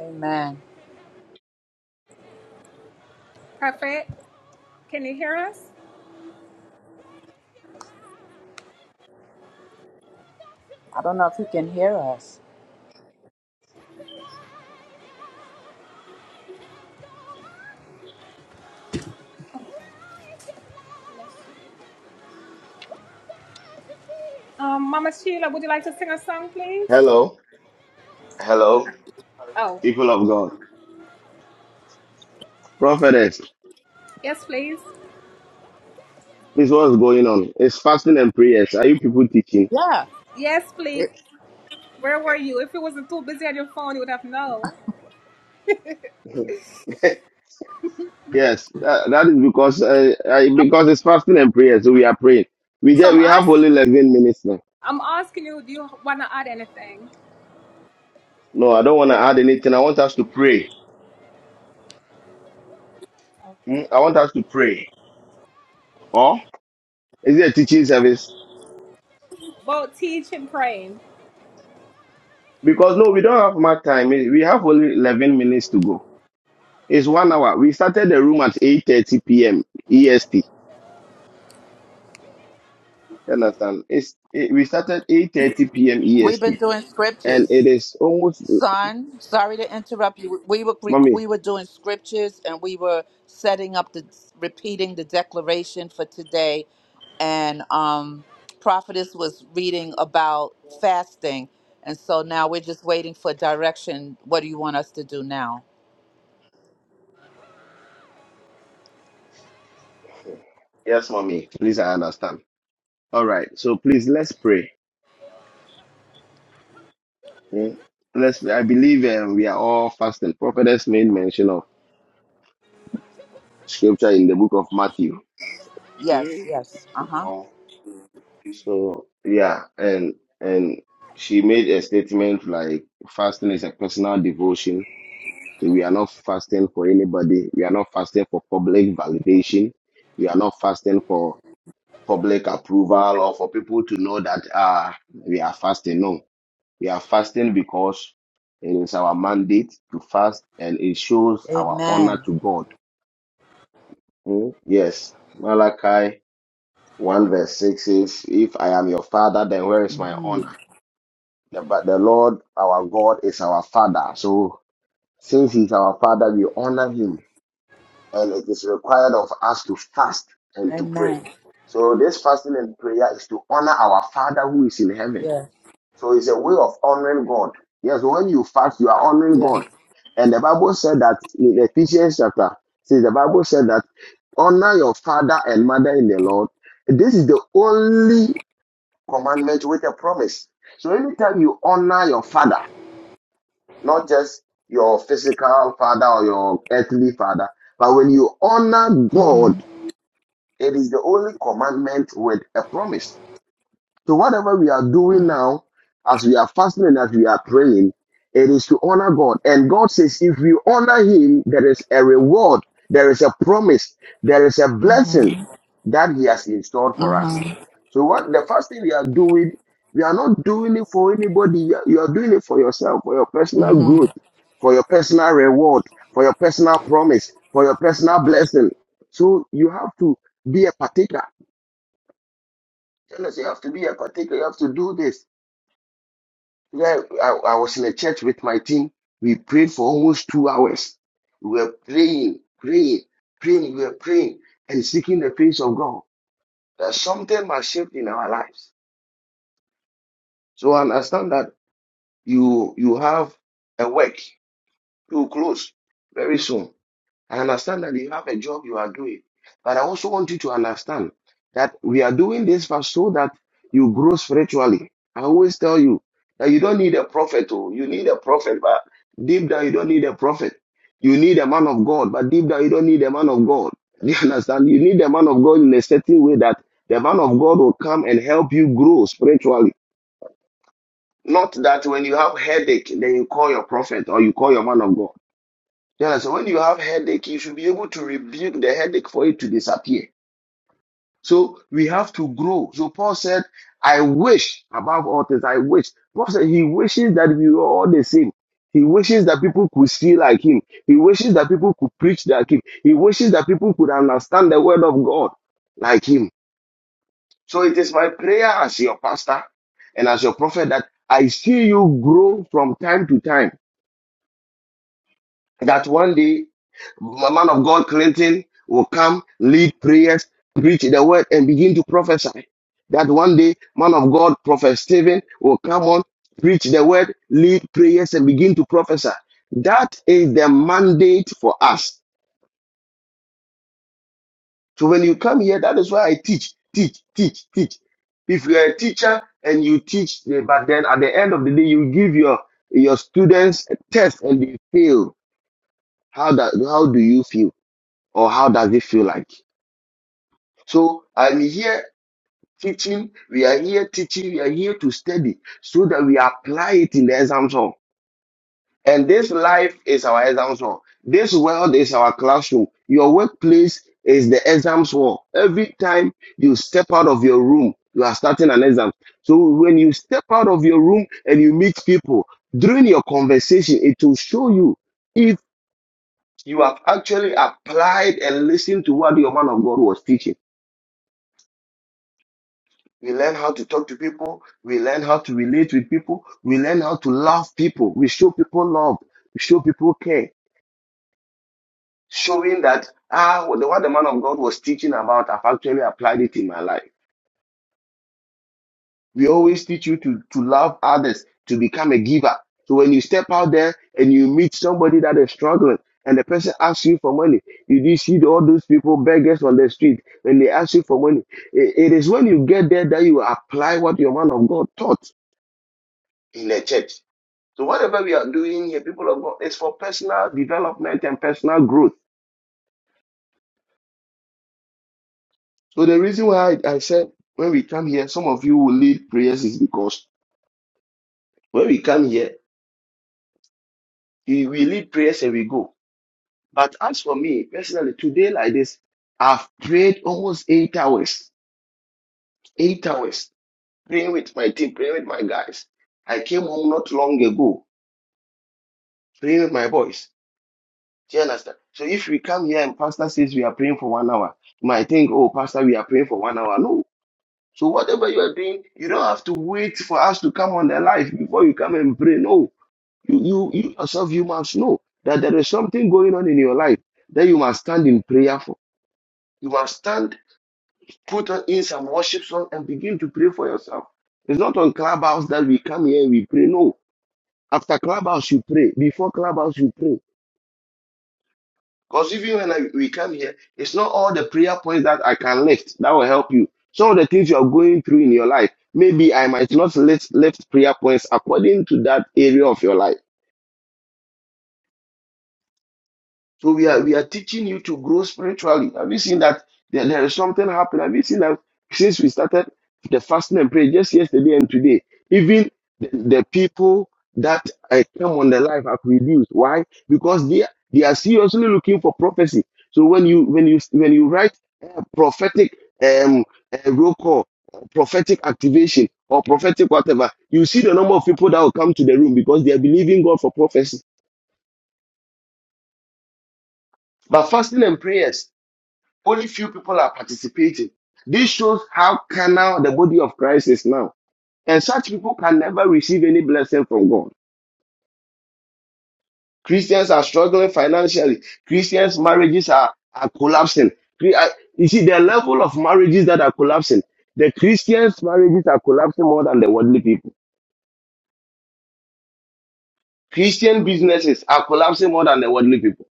Speaker 3: Amen. I don't know if you can hear us.
Speaker 6: Hello, hello, people of God. Prophetess, this what's going on. It's fasting and prayers. Are you people teaching?
Speaker 3: Yeah. We-
Speaker 6: Yes, that, that is because uh, uh, because it's fasting and prayer, so we are praying. We get, we have only eleven minutes now. No, I don't want to add anything. I want us to pray. Mm, I want us to pray. Or is it a teaching service? Because no, we don't have much time. We we have only eleven minutes to go. It's one hour. We started the room at 8:30 p.m. EST. You understand? It's it, we started 8:30 p.m.
Speaker 3: We've been
Speaker 6: EST,
Speaker 3: doing
Speaker 6: and
Speaker 3: scriptures.
Speaker 6: it is almost.
Speaker 3: Son, sorry to interrupt you. We were we
Speaker 6: Mommy,
Speaker 3: were doing scriptures and we were setting up the repeating the declaration for today. And um, prophetess was reading about fasting, and so now we're just waiting for direction. What do you want us to do now?
Speaker 6: yes, mommy. Please, I understand. All right. So please, let's pray. Mm. Let's. Pray. I believe um, we are all fasting. Prophetess made mention of scripture in the book of Matthew.
Speaker 3: Yes, yes. Uh huh.
Speaker 6: No. So yeah, and and she made a statement like fasting is a personal devotion So we are not fasting for anybody. We are not fasting for public validation. We are not fasting for public approval or for people to know that ah we are fasting. No, we are fasting because it is our mandate to fast, and it shows our honor
Speaker 3: Amen.
Speaker 6: to God. Hmm? Yes, Malachi one verse six says, "If I am your father, then where is my
Speaker 3: Mm-hmm.
Speaker 6: honor?" The- But the Lord our God is our father. So since He's our father, we honor Him and it is required of us to fast and to pray.
Speaker 3: Amen.
Speaker 6: So this fasting and prayer is to honor our Father who is in heaven.
Speaker 3: Yeah.
Speaker 6: So it's a way of honoring God. Yes, when you fast, you are honoring
Speaker 3: Yeah.
Speaker 6: God. And the Bible said that in Ephesians chapter, says the Bible said that honor your father and mother in the Lord. This is the only commandment with a promise. So anytime you honor your father, not just your physical father or your earthly father, but when you honor God
Speaker 3: Mm-hmm.
Speaker 6: it is the only commandment with a promise. So whatever we are doing now, as we are fasting and as we are praying, it is to honor God. And God says, if we honor Him, there is a reward, there is a promise, there is a
Speaker 3: Mm-hmm.
Speaker 6: blessing that He has installed for us. So what the first thing we are doing, we are not doing it for anybody. You are you are doing it for yourself, for your personal
Speaker 3: Mm-hmm.
Speaker 6: growth, for your personal reward, for your personal promise, for your personal blessing. So you have to be a partaker. Tell us you have to be a partaker. You have to do this. Yeah, I, I was in a church with my team. We prayed for almost two hours. We were praying, praying, praying, we were praying and seeking the face of God. That something must shift in our lives. So I understand that you you have a work to close very soon. I understand that you have a job you are doing, but I also want you to understand that we are doing this for so that you grow spiritually. I always tell you that you don't need a prophet, oh, you need a prophet, but deep down you don't need a prophet. You need a man of God, but deep down you don't need a man of God. Do you understand? You need a man of God in a certain way that the man of God will come and help you grow spiritually. Not that when you have headache, then you call your prophet or you call your man of God. Yeah, so when you have headache, you should be able to rebuke the headache for it to disappear. So we have to grow. So Paul said, I wish above all things, I wish. Paul said he wishes that we were all the same. He wishes that people could see like him. He wishes that people could preach like him. He wishes that people could understand the word of God like him. So it is my prayer as your pastor and as your prophet that I see you grow from time to time that one day the man of God Clinton will come, lead prayers, preach the word, and begin to prophesy. That one day, man of God, Prophet Stephen, will come on, preach the word, lead prayers, and begin to prophesy. That is the mandate for us. So when you come here, that is why I teach, teach, teach, teach. If you are a teacher and you teach, eh, but then at the end of the day, you give your your students a test and they fail. How that how do you feel? or how does it feel like? So I'm here teaching, we are here teaching, we are here to study so that we apply it in the exam hall. And this life is our exam hall. This world is our classroom. Your workplace is the exam hall. Every time you step out of your room, you are starting an exam. So when you step out of your room and you meet people, during your conversation, it will show you if you have actually applied and listened to what your man of God was teaching. We learn how to talk to people. We learn how to relate with people. We learn how to love people. We show people love. We show people care. Showing that, ah, what the what the man of God was teaching about, I've actually applied it in my life. We always teach you to, to love others, to become a giver. So when you step out there and you meet somebody that is struggling and the person asks you for money, you do see all those people, beggars on the street, when they ask you for money. it it is when you get there that you apply what your man of God taught in the church. So whatever we are doing here, people of God, is for personal development and personal growth. So the reason why I, I said when we come here, some of you will lead prayers is because when we come here, we, we lead prayers and we go. But as for me personally, today like this, I've prayed almost eight hours, eight hours, praying with my team, praying with my guys. I came home not long ago, praying with my boys. Do you understand? So if we come here and pastor says we are praying for one hour, you might think, oh, pastor, we are praying for one hour. No, So whatever you are doing, you don't have to wait for us to come on the life before you come and pray. No, you, you, you yourself, you must know that there is something going on in your life that you must stand in prayer for. You must stand, put on in some worship song and begin to pray for yourself. It's not on clubhouse that we come here and we pray. No, after clubhouse you pray. Before clubhouse you pray. Because even when I, we come here, it's not all the prayer points that I can lift that will help you. Some of the things you are going through in your life, maybe I might not lift, lift prayer points according to that area of your life. So we are we are teaching you to grow spiritually. Have you seen that there, there is something happened? Have you seen that since we started the fasting and prayer just yesterday and today, even the, the people that uh, come on the live have reduced. Why? Because they they are seriously looking for prophecy. So when you when you when you write uh, prophetic um uh, roll call, uh, prophetic activation or prophetic whatever, you see the number of people that will come to the room because they are believing God for prophecy. But fasting and prayers. Only few people are participating. This shows how carnal the body of Christ is now. And such people can never receive any blessing from God. Christians are struggling financially. Christians' marriages are, are collapsing. uh, You see, the level of marriages that are collapsing, the Christians' marriages are collapsing more than the worldly people. Christian businesses are collapsing more than the worldly people.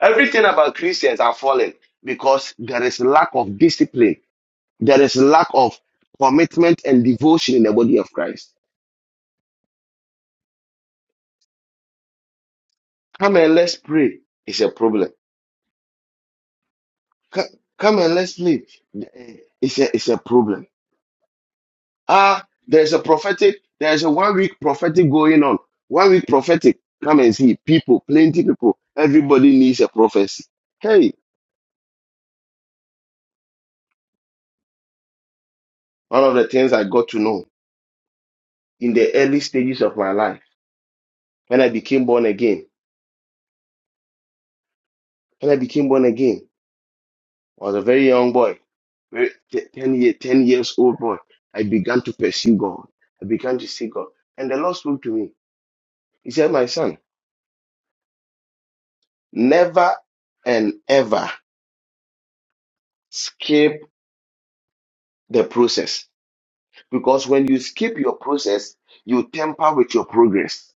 Speaker 6: Everything about Christians are falling because there is lack of discipline There is lack of commitment and devotion in the body of Christ. Come and let's pray. It's a problem. Co- Come and let's live. Eh, It's a, it's a problem. Ah, there's a prophetic, there's a one week prophetic going on. One week prophetic. Come and see people, plenty people. Everybody needs a prophecy. Hey, one of the things I got to know in the early stages of my life when I became born again. When I became born again. was a very young boy, very, te- 10, year, 10 years old boy, I began to pursue God. I began to see God. And the Lord spoke to me. He said, My son, never and ever skip the process. Because when you skip your process, you temper with your progress.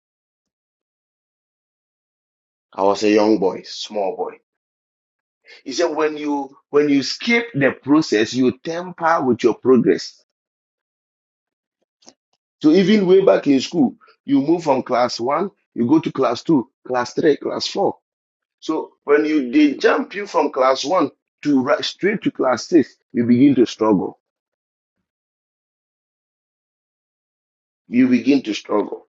Speaker 6: I was a young boy, small boy. He said, when you when you skip the process, you temper with your progress. So even way back in school, you move from class one, you go to class two, class three, class four. So when you they jump you from class one to right, straight to class six, you begin to struggle. You begin to struggle.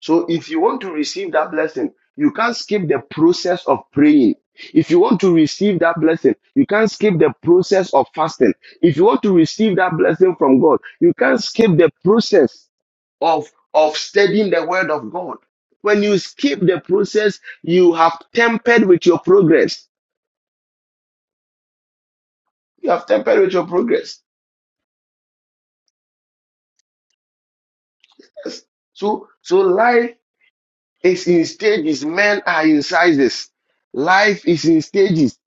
Speaker 6: So if you want to receive that blessing, you can't skip the process of praying. If you want to receive that blessing, you can't skip the process of fasting. If you want to receive that blessing from God, you can't skip the process of of studying the word of God. When you skip the process, you have tempered with your progress. You have tempered with your progress. Yes. So so life is in stages. Men are in sizes. Life is in stages.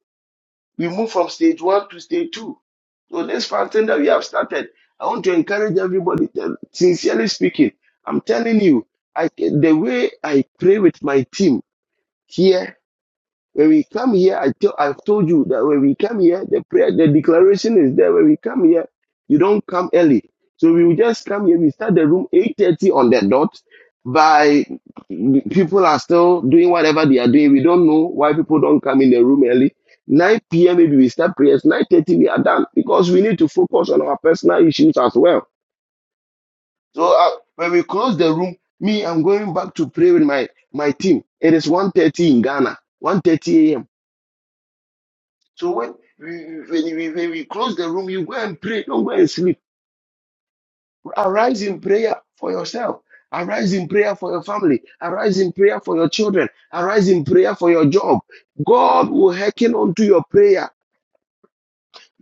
Speaker 6: We move from stage one to stage two. So this fountain that we have started, I want to encourage everybody. tell- Sincerely speaking, I'm telling you, I, the way I pray with my team here when we come here, I tell, I've told you that when we come here, the prayer, the declaration is there. When we come here, you don't come early. So we will just come here. We start the room 8.30 on the dot. By people are still doing whatever they are doing. We don't know why people don't come in the room early. 9 p.m. maybe we start prayers. 9.30 we are done because we need to focus on our personal issues as well. So uh, when we close the room, me, I'm going back to pray with my, my team. It is one thirty in Ghana, one thirty a.m. So when we, when, we, when we close the room, you go and pray. Don't go and sleep. Arise in prayer for yourself. Arise in prayer for your family. Arise in prayer for your children. Arise in prayer for your job. God will hearken unto your prayer.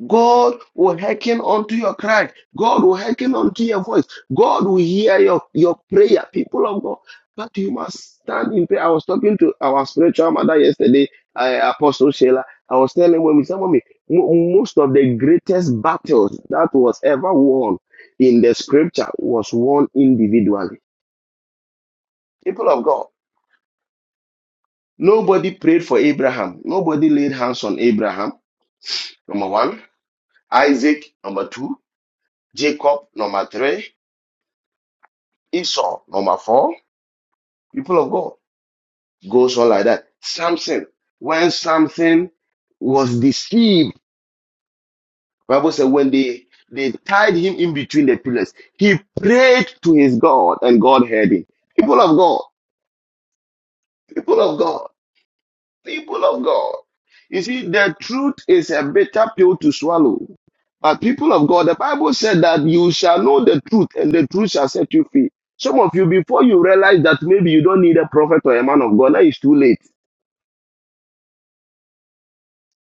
Speaker 6: God will hearken unto your cry. God will hearken unto your voice. God will hear your, your prayer, people of God. But you must stand in prayer. I was talking to our spiritual mother yesterday, uh, Apostle Sheila. I was telling women, some of me, mo- most of the greatest battles that was ever won in the scripture was won individually. People of God, nobody prayed for Abraham. Nobody laid hands on Abraham. Number one, Isaac. Number two, Jacob. Number three. Esau, number four, people of God. Goes on like that. Samson, when Samson was deceived, Bible said when they they tied him in between the pillars, he prayed to his God and God heard him. People of God, people of God, people of God. You see, the truth is a bitter pill to swallow. But people of God, the Bible said that you shall know the truth and the truth shall set you free. Some of you, before you realize that maybe you don't need a prophet or a man of God, now it's too late.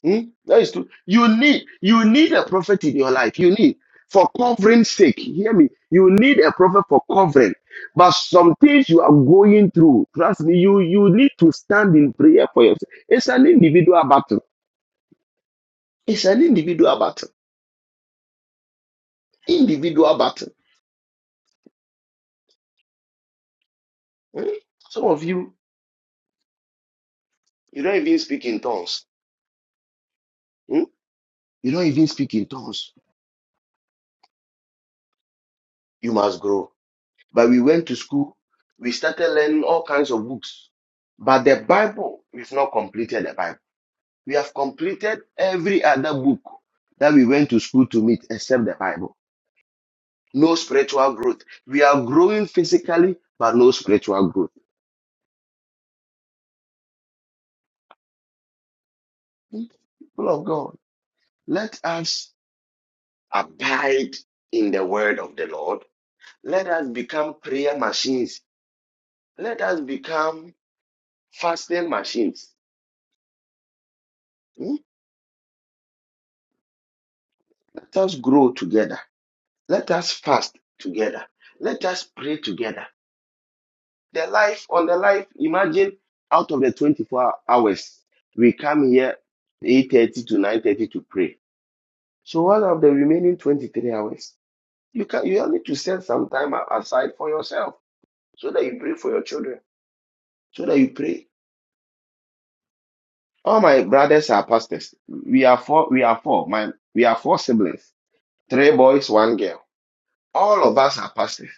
Speaker 6: Hmm? That is true. You need you need a prophet in your life. You need for covering sake. Hear me. You need a prophet for covering. But some things you are going through, trust me, you you need to stand in prayer for yourself. It's an individual battle. It's an individual battle. Individual battle. Hmm? Some of you, you don't even speak in tongues. Hmm? You don't even speak in tongues. You must grow. But we went to school. We started learning all kinds of books. But the Bible, we've not completed the Bible. We have completed every other book that we went to school to meet except the Bible. No spiritual growth. We are growing physically, but no spiritual growth. People of God, let us abide in the word of the Lord. Let us become prayer machines. Let us become fasting machines. Hmm? Let us grow together. Let us fast together. Let us pray together. The life on the life. Imagine out of the 24 hours, we come here 8:30 to 9:30 to pray. So what of the remaining 23 hours? You can you need to set some time a- aside for yourself so that you pray for your children, so that you pray. All my brothers are pastors. We are four. We are four. My we are four siblings. Three boys, one girl. All of us are pastors.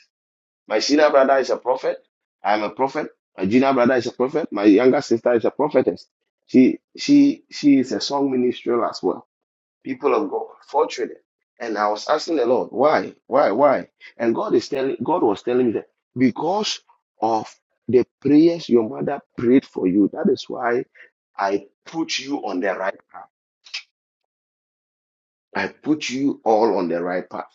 Speaker 6: My senior brother is a prophet. I'm a prophet. My junior brother is a prophet. My younger sister is a prophetess. She she she is a song minister as well. People of God, four children. And I was asking the Lord, why, why, why? And God is telling God was telling me that because of the prayers your mother prayed for you, that is why I put you on the right path. I put you all on the right path.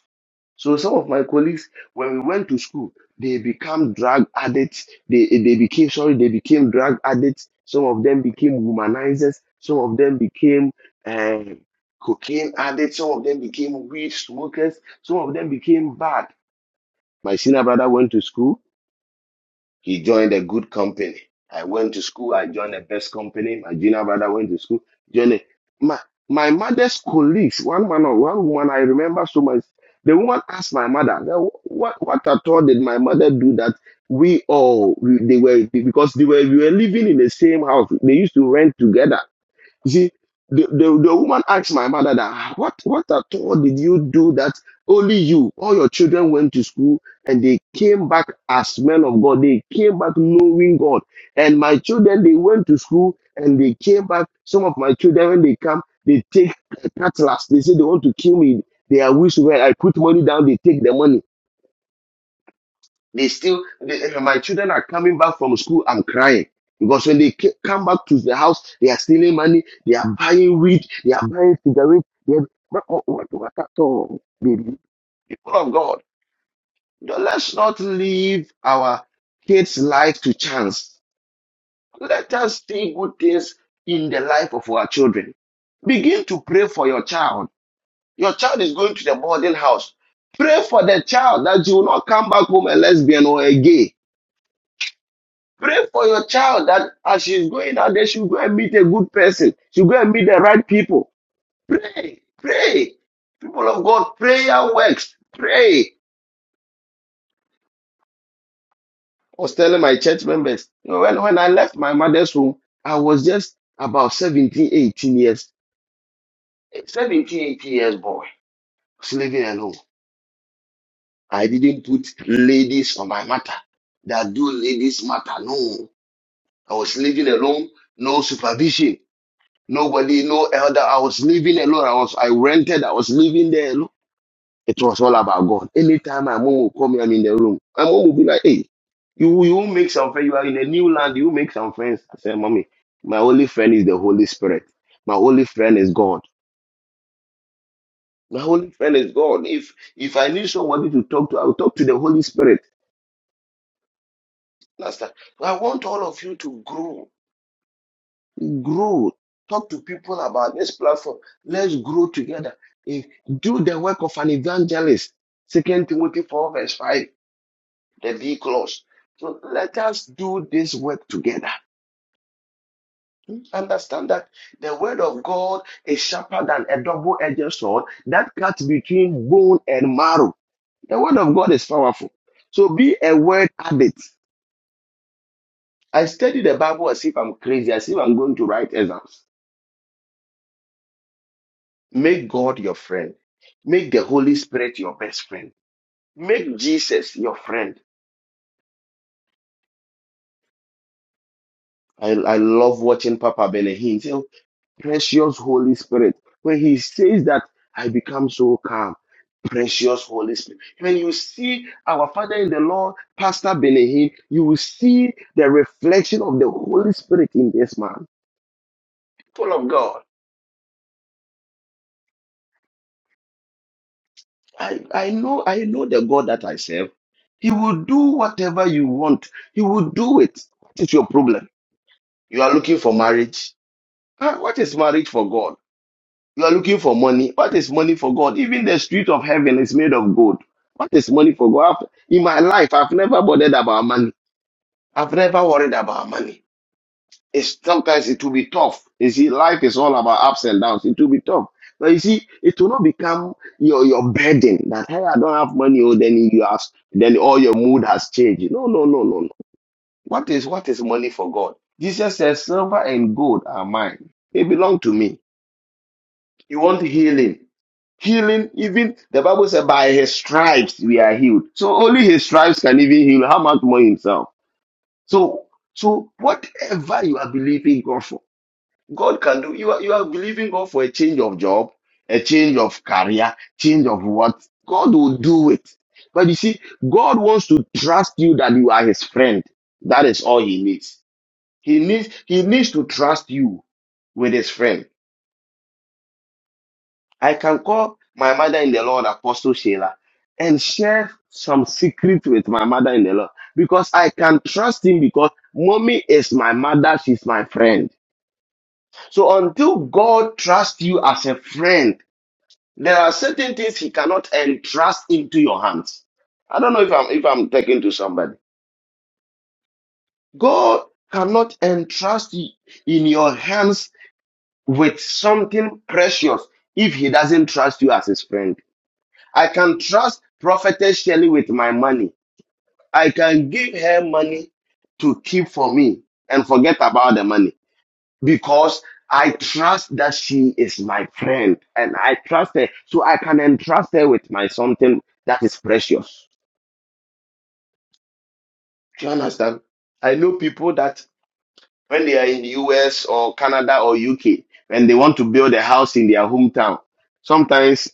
Speaker 6: So some of my colleagues, when we went to school, they became drug addicts. They they became sorry, they became drug addicts. Some of them became womanizers. Some of them became uh, cocaine addicts. Some of them became weed smokers. Some of them became bad. My senior brother went to school. He joined a good company. I went to school. I joined the best company. My junior brother went to school. Joined a- my my mother's colleagues. One man or one woman I remember so much. The woman asked my mother, "Now, "What what at all did my mother do that we all we- they were because they were we were living in the same house. They used to rent together. You see, the, the, the woman asked my mother that "Ah, what what at all did you do that only you, all your children went to school and they came back as men of God. They came back knowing God. And my children, they went to school and they came back. Some of my children, when they come, they take cutlass. They say they want to kill me. They are whistle. I put money down, they take the money. They still, they- eh, my children are coming back from school. I'm crying because when they ca- come back to the house, they are stealing money. They are buying weed. They are buying cigarettes. They are, what, what, what what at all, baby? People of God, no, let's not leave our kids' life to chance. Let us see good things in the life of our children. Begin to pray for your child. Your child is going to the boarding house. Pray for the child that you will not come back home a lesbian or a gay Pray for your child that as she's going out there, she'll go and meet a good person. She'll go and meet the right people. Pray, pray. People of God, prayer works. Pray. I was telling my church members, you know, when, when I left my mother's home, I was just about 17, 18 years, 17, 18 years boy, I was living alone. I didn't put ladies on my matter. That do ladies matter. No. I was living alone, no supervision. Nobody, no elder. I was living alone. I was I rented. I was living there alone. It was all about God. Anytime my mom will call me, I'm in the room. My mom will be like, "Hey, you you will make some friends. You are in a new land. You will make some friends." I said, "Mommy, my only friend is the Holy Spirit. My only friend is God. My only friend is God. If if I need somebody to talk to, I will talk to the Holy Spirit." Master, I want all of you to grow. Grow. Talk to people about this platform. Let's grow together. If, do the work of an evangelist. Second Timothy 4, verse 5, the B clause. So let us do this work together. Understand that the word of God is sharper than a double-edged sword that cuts between bone and marrow. The word of God is powerful. So be a word addict. I study the Bible as if I'm crazy, as if I'm going to write exams. Make God your friend. Make the Holy Spirit your best friend. Make Jesus your friend. I, I love watching Papa Benahin say, Precious Holy Spirit. When he says that, I become so calm. Precious Holy Spirit. When you see our Father in the Lord, Pastor Benahin, you will see the reflection of the Holy Spirit in this man. Full of God. I, I know I know the God that I serve. He will do whatever you want. He will do it. What is your problem? You are looking for marriage. Ah, what is marriage for God? You are looking for money. What is money for God? Even the street of heaven is made of gold. What is money for God? I've- In my life, I've never bothered about money. I've never worried about money. It's sometimes it will be tough. You see, life is all about ups and downs. It will be tough. But you see, it will not become your, your burden that hey, I don't have money, oh then you have then all your mood has changed. No, no, no, no, no. What is what is money for God? Jesus says, Silver and gold are mine. They belong to me. You want healing. Healing, even the Bible said, by his stripes we are healed. So only his stripes can even heal. How much more himself? So so whatever you are believing God for, God can do. You are you are believing God for a change of job, a change of career, change of what? God will do it. But you see, God wants to trust you that you are his friend. That is all he needs. He needs he needs to trust you with his friend. I can call my mother in the Lord Apostle Sheila and share some secret with my mother in the Lord because I can trust him because mommy is my mother, she's my friend. So until God trusts you as a friend, there are certain things he cannot entrust into your hands. I don't know if I'm if I'm talking to somebody. God cannot entrust in your hands with something precious if he doesn't trust you as his friend. I can trust Prophetess Shelley with my money. I can give her money to keep for me and forget about the money because I trust that she is my friend and I trust her. So I can entrust her with my something that is precious. Do you understand? I know people that when they are in the US or Canada or UK, when they want to build a house in their hometown, sometimes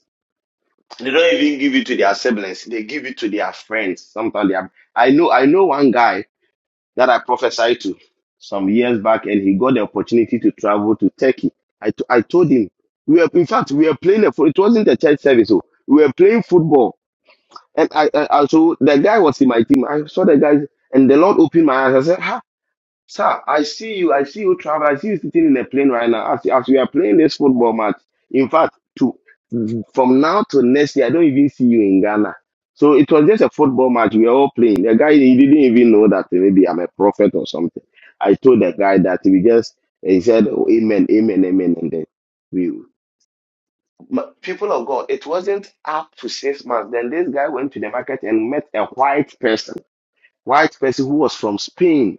Speaker 6: They don't even give it to their siblings. They give it to their friends. Sometimes they are, I know I know one guy that I prophesied to some years back, and he got the opportunity to travel to Turkey. I, t- I told him we were in fact we were playing a, fo- it wasn't a church service, so we were playing football, and I, I, I so the guy was in my team. I saw the guy, and the Lord opened my eyes. I said, "Ha, Sir, I see you. I see you travel. I see you sitting in a plane right now. As, as we are playing this football match, in fact, to from now to next year, I don't even see you in Ghana. So it was just a football match. We were all playing. The guy he didn't even know that maybe I'm a prophet or something. I told the guy that we just he said "Oh, amen, amen, amen, and then we Ma- people of God. It wasn't up to six months. Then this guy went to the market and met a white person, white person who was from Spain.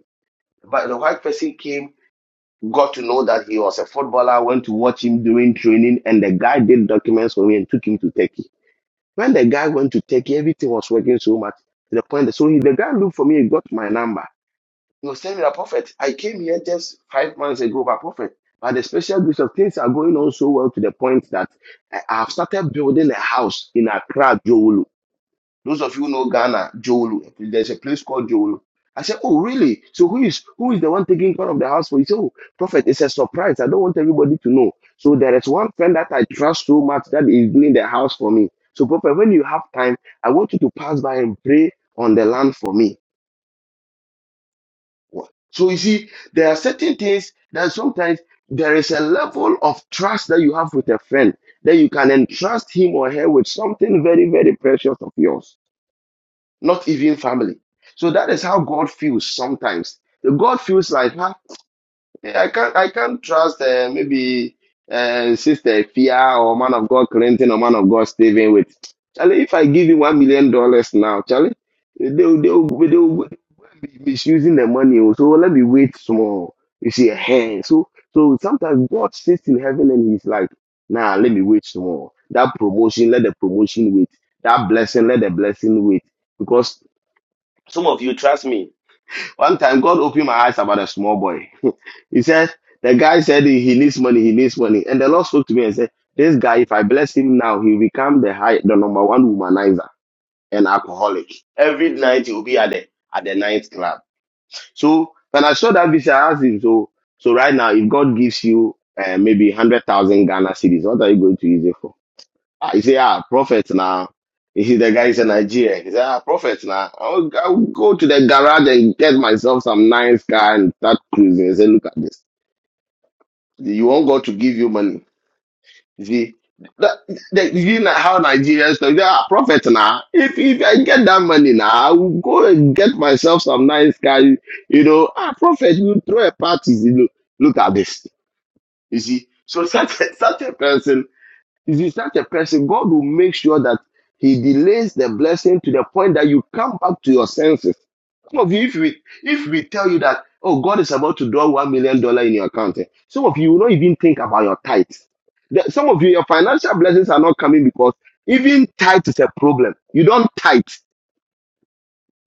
Speaker 6: But the white person came Got to know that he was a footballer, went to watch him doing training, and the guy did documents for me and took him to Turkey. When the guy went to Turkey, everything was working so much to the point that so he, the guy looked for me and got my number. He was telling me that prophet, I came here just five months ago, but prophet, But the special grace of things are going on so well to the point that I have started building a house in Accra, Jowolo. Those of you who know Ghana, Jolu. There's a place called Jolu. I said, Oh, really? So who is who is the one taking care of the house for you? He said, Oh, Prophet, it's a surprise. I don't want everybody to know. So there is one friend that I trust so much that is doing the house for me. So, Prophet, when you have time, I want you to pass by and pray on the land for me. What? So you see, there are certain things that sometimes there is a level of trust that you have with a friend that you can entrust him or her with something very, very precious of yours not even family. So that is how God feels sometimes. The God feels like, huh, eh, I can't, I can't trust uh, maybe uh, Sister Fia or Man of God Clinton or Man of God Stephen with. Charlie, if I give you one million dollars now, Charlie, they will they will they will be misusing the money. oh, So let me wait small. You see, hey, so so sometimes God sits in heaven and He's like, nah, let me wait small. That promotion, let the promotion wait. That blessing, let the blessing wait because some of you, trust me. One time, God opened my eyes about a small boy. he said, The guy said he needs money, he needs money. And the Lord spoke to me and said, This guy, if I bless him now, he'll become the high, the number one womanizer and alcoholic. Every night he'll be at the at the night club. So when I saw that vision, I asked him, So so right now, if God gives you uh, maybe one hundred thousand Ghana cedis, what are you going to use it for? Ah, he said, ah, prophet now. He see the guy is in Nigeria. He said, ah, prophet now. I'll, I'll go to the garage and get myself some nice car and start cruising. He said, look at this. You want God to give you money. You see, that, that, you know how Nigerians talk. They are, Ah, prophet now. If if I get that money now, I will go and get myself some nice car. You, you know, ah, prophet, you throw a party. You know, look at this. You see, so such a, such a person if you such a person, God will make sure that He delays the blessing to the point that you come back to your senses. Some of you, if we if we tell you that, oh, God is about to draw one million dollar in your account, eh, some of you will not even think about your tithes. The- Some of you, your financial blessings are not coming because even tithe is a problem. You don't tithe.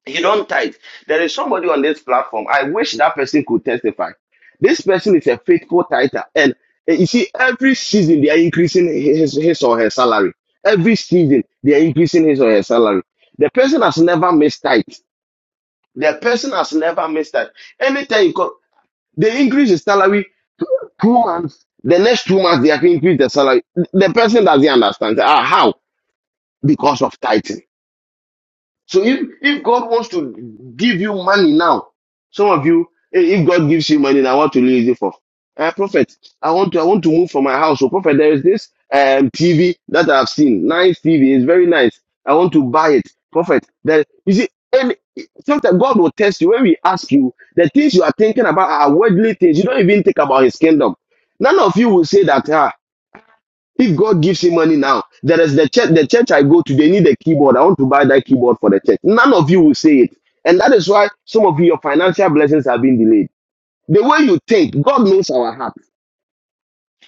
Speaker 6: You don't tithe. There is somebody on this platform. I wish that person could testify. This person is a faithful tither. And eh, you see, every season they are increasing his, his or her salary. Every season they are increasing his or her salary. The person has never missed tithe. The person has never missed tithe. Anytime you call, they increase the salary two months. The next two months they have increased the salary. The person doesn't understand. Ah, how? Because of tithe. So if if God wants to give you money now, some of you, eh, if God gives you money now, what will you use it for? Uh, prophet, I want to I want to move from my house. So prophet, there is this um TV that I've seen, nice TV, it's very nice. I want to buy it, prophet. there you see, and sometimes God will test you when we ask you the things you are thinking about are worldly things. You don't even think about His kingdom. None of you will say that. ah, if God gives him money now, there is the church, the church I go to, they need a keyboard. I want to buy that keyboard for the church. None of you will say it. And that is why some of you, your financial blessings have been delayed. The way you think, God knows our heart.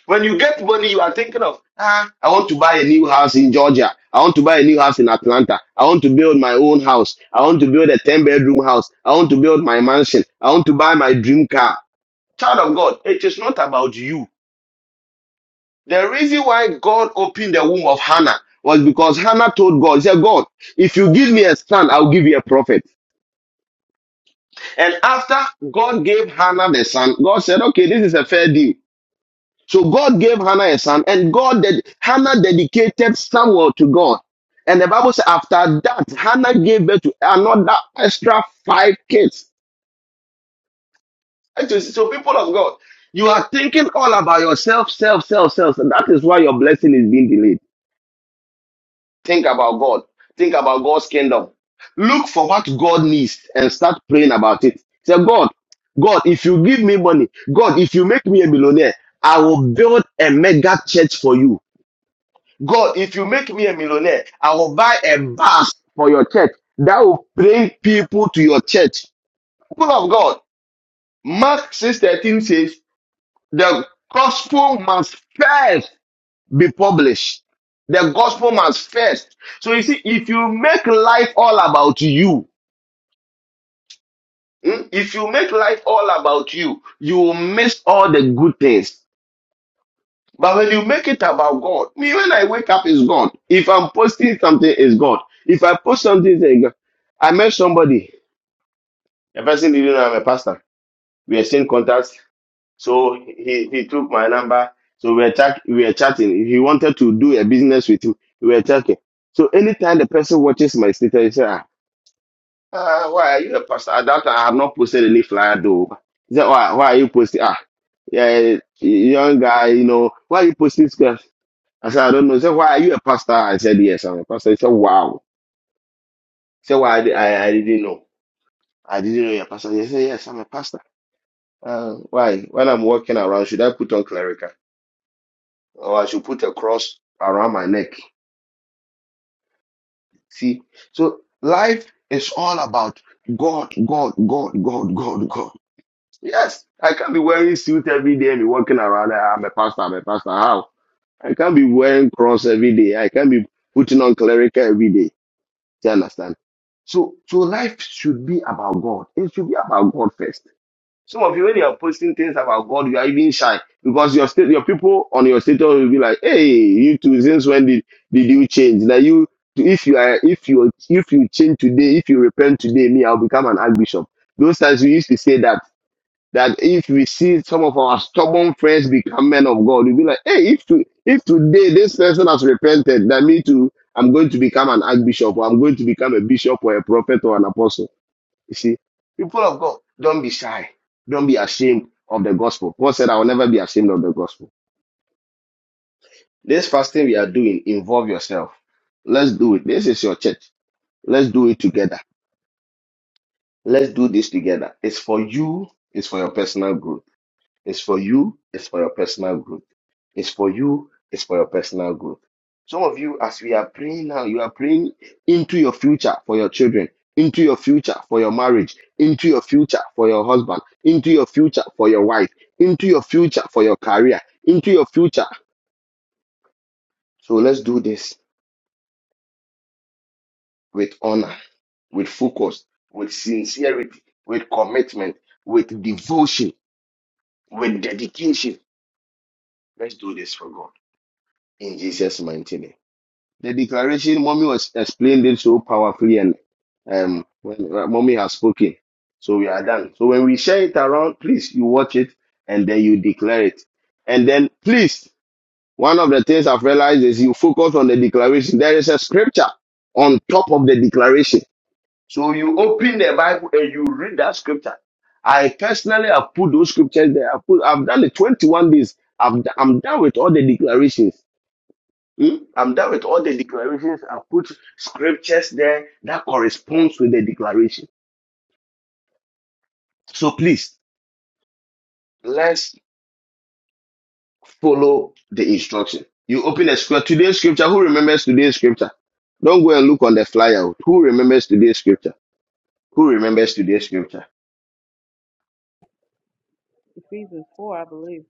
Speaker 6: When you get money, you are thinking of, ah, I want to buy a new house in Georgia. I want to buy a new house in Atlanta. I want to build my own house. I want to build a 10 bedroom house. I want to build my mansion. I want to buy my dream car. Child of God, it is not about you. The reason why God opened the womb of Hannah was because Hannah told God, He said, God, if you give me a son, I'll give you a prophet. And after God gave Hannah the son, God said, okay, this is a fair deal. So God gave Hannah a son, and God ded- Hannah dedicated Samuel to God. And the Bible says, after that, Hannah gave birth to another extra five kids. And so so people of God, you are thinking all about yourself, self, self, self. And that is why your blessing is being delayed. Think about God. Think about God's kingdom. Look for what God needs and start praying about it. Say, God, God, if you give me money, God, if you make me a millionaire, I will build a mega church for you. God, if you make me a millionaire, I will buy a bus for your church that will bring people to your church. People of God, Mark 6:13 says, the gospel must first be published. The gospel must first. So you see, if you make life all about you, hmm, if you make life all about you, you will miss all the good things. But when you make it about God, me when I wake up is God. If I'm posting something, is God. If I post something, it's God. I met somebody. The person didn't know I'm a pastor. We exchanged contacts. So he, he took my number. So we were, chat, we were chatting. He wanted to do a business with me. We were chatting. So anytime the person watches my status, he said, ah, ah, why are you a pastor? At that time, I have not posted any flyer though. He said, why, why are you posting? Ah, yeah, young guy, you know, why are you posting stuff? I said, I don't know. He said, why are you a pastor? I said, yes, I'm a pastor. He said, wow. He said, why? I, di- I, I didn't know. I didn't know you're a pastor. He said, yes, I'm a pastor. Uh, why? When I'm walking around, should I put on clerical? or I should put a cross around my neck. See, so life is all about God, God, God, God, God, God. Yes, I can't be wearing suit every day and be walking around. "Ah, I'm a pastor, I'm a pastor. How? I can't be wearing cross every day. I can't be putting on clerical every day. Do you understand? So, so life should be about God. It should be about God first. Some of you, when you are posting things about God, you are even shy because your state, your people on your status will be like, "Hey, you two, Since when did, did you change? That you, if you are, if you, if you change today, if you repent today, me, I'll become an archbishop." Those times we used to say that that if we see some of our stubborn friends become men of God, we'll be like, "Hey, if to, if today this person has repented, that me too, I'm going to become an archbishop, or I'm going to become a bishop, or a prophet, or an apostle." You see, people of God, don't be shy. Don't be ashamed of the gospel. Paul said, I will never be ashamed of the gospel. This fasting we are doing, involve yourself. Let's do it. This is your church. Let's do it together. Let's do this together. It's for you, it's for your personal growth. It's for you, it's for your personal growth. It's for you, it's for your personal growth. Some of you, as we are praying now, you are praying into your future for your children, into your future for your marriage, into your future for your husband, into your future for your wife, into your future for your career, into your future. So let's do this with honor, with focus, with sincerity, with commitment, with devotion, with dedication. Let's do this for God. In Jesus' mighty name. The declaration, mommy was explained it so powerfully, and um, when uh, mommy has spoken, so we are done. So when we share it around, please you watch it and then you declare it, and then please one of the things I've realized is you focus on the declaration. There is a scripture on top of the declaration, so you open the Bible and you read that scripture. I personally have put those scriptures there. I've, put, I've done it 21 days. I've, I'm done with all the declarations. Hmm? I'm done with all the declarations. I put scriptures there that corresponds with the declaration. So please, let's follow the instruction. You open a scripture. Today's scripture. Who remembers today's scripture? Don't go and look on the flyer. Who remembers today's scripture? Who remembers today's scripture?
Speaker 2: Ephesians 4, I believe.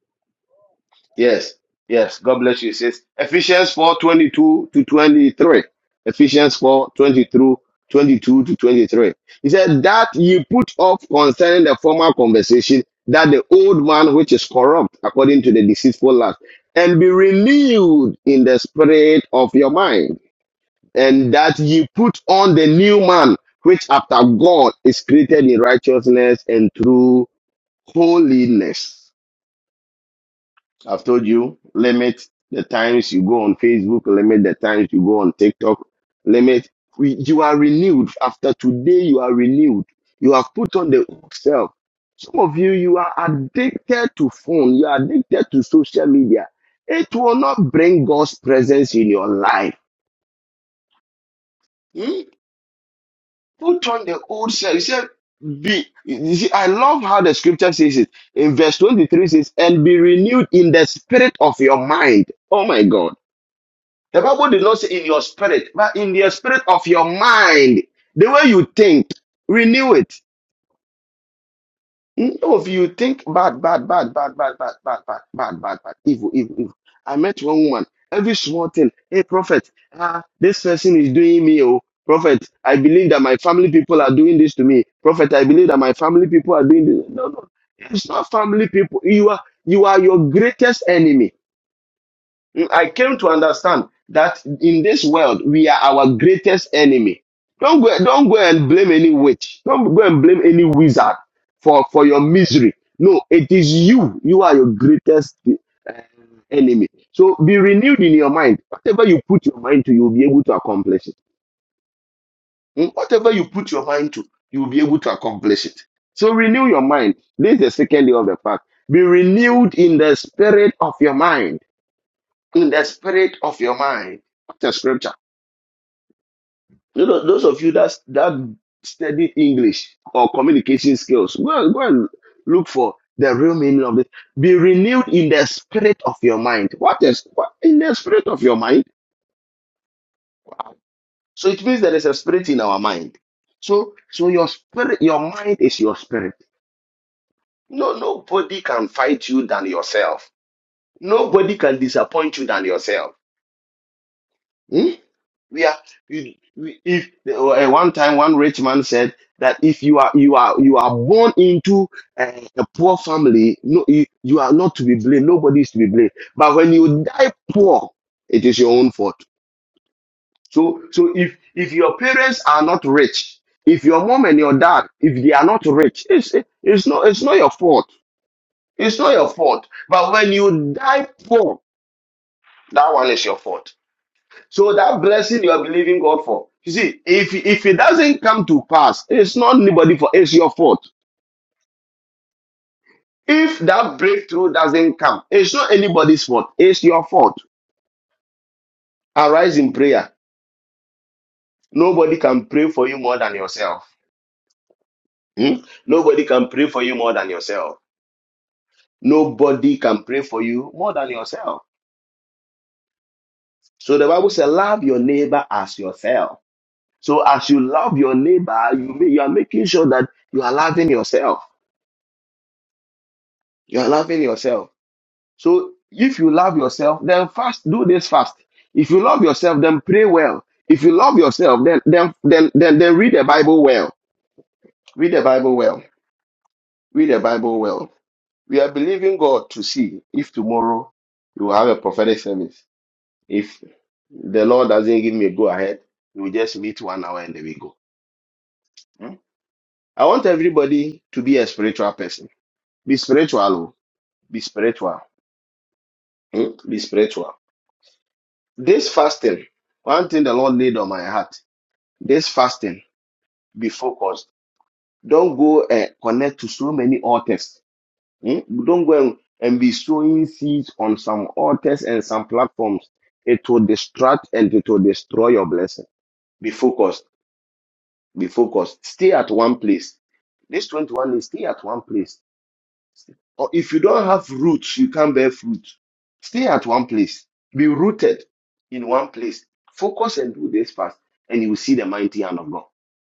Speaker 6: Yes, yes. God bless you. It says Ephesians four twenty two to 23. Ephesians four twenty through 22 to 23. He said, That ye put off concerning the former conversation, that the old man which is corrupt according to the deceitful lust, and be renewed in the spirit of your mind, and that ye put on the new man, which after God is created in righteousness and true holiness. I've told you, limit the times you go on Facebook, limit the times you go on TikTok, limit. we- You are renewed. After today, you are renewed. You have put on the old self. Some of you, you are addicted to phone. You are addicted to social media. It will not bring God's presence in your life. Hmm? Put on the old self. You said, be, you see, I love how the scripture says it. In verse 23 says, and be renewed in the spirit of your mind. Oh my God. The Bible did not say in your spirit, but in the spirit of your mind, the way you think, renew it. Mm, Oh, if you think bad, bad, bad, bad, bad, bad, bad, bad, bad, bad, bad, evil, evil, evil. I met one woman. Every small thing. Hey, prophet, ah, this person is doing me. Oh, prophet, I believe that my family people are doing this to me. Prophet, I believe that my family people are doing this. No, no, it's not family people. You are, you are your greatest enemy. Mm, I came to understand that in this world we are our greatest enemy. Don't go, don't go and blame any witch. Don't go and blame any wizard for, for your misery. No, it is you. You are your greatest enemy. So be renewed in your mind. Whatever you put your mind to, you'll be able to accomplish it. Hmm? Whatever you put your mind to, you'll be able to accomplish it. So renew your mind. This is the second day of the fact. Be renewed in the spirit of your mind. In the spirit of your mind. What a scripture. You know, those of you that that study English or communication skills, go and, go and look for the real meaning of it. Be renewed in the spirit of your mind. What is what in the spirit of your mind? So it means there is a spirit in our mind. So so your spirit, your mind is your spirit. No, nobody can fight you than yourself. Nobody can disappoint you than yourself. Hmm? We are we, we, if uh, one time one rich man said that if you are you are you are born into a, a poor family, no, you, you are not to be blamed. Nobody is to be blamed. But when you die poor, it is your own fault. So so if if your parents are not rich, if your mom and your dad if they are not rich, it's it's not it's not your fault. It's not your fault. But when you die poor, that one is your fault. So that blessing you are believing God for, you see, if if it doesn't come to pass, it's not anybody for it's your fault. If that breakthrough doesn't come, it's not anybody's fault. It's your fault. Arise in prayer. Nobody can pray for you more than yourself. Hmm? Nobody can pray for you more than yourself. Nobody can pray for you more than yourself. So the Bible says, love your neighbor as yourself. So as you love your neighbor, you, ma- you are making sure that you are loving yourself. You are loving yourself. So if you love yourself, then fast. Do this fast. If you love yourself, then pray well. If you love yourself, then then then then, then read the Bible well. Read the Bible well. Read the Bible well. We are believing God to see if tomorrow you will have a prophetic service. If the Lord doesn't give me a go ahead, we just meet one hour and then we go. Hmm? I want everybody to be a spiritual person. Be spiritual. oh. Be spiritual. Hmm? Be spiritual. This fasting, one thing the Lord laid on my heart This fasting, be focused. Don't go and connect to so many altars. Hmm? Don't go and, and be sowing seeds on some altars and some platforms. It will distract and it will destroy your blessing. Be focused. Be focused. Stay at one place. This 21 is stay at one place Or if you don't have roots, you can't bear fruit. Stay at one place. Be rooted in one place. Focus and do this fast, and you will see the mighty hand of God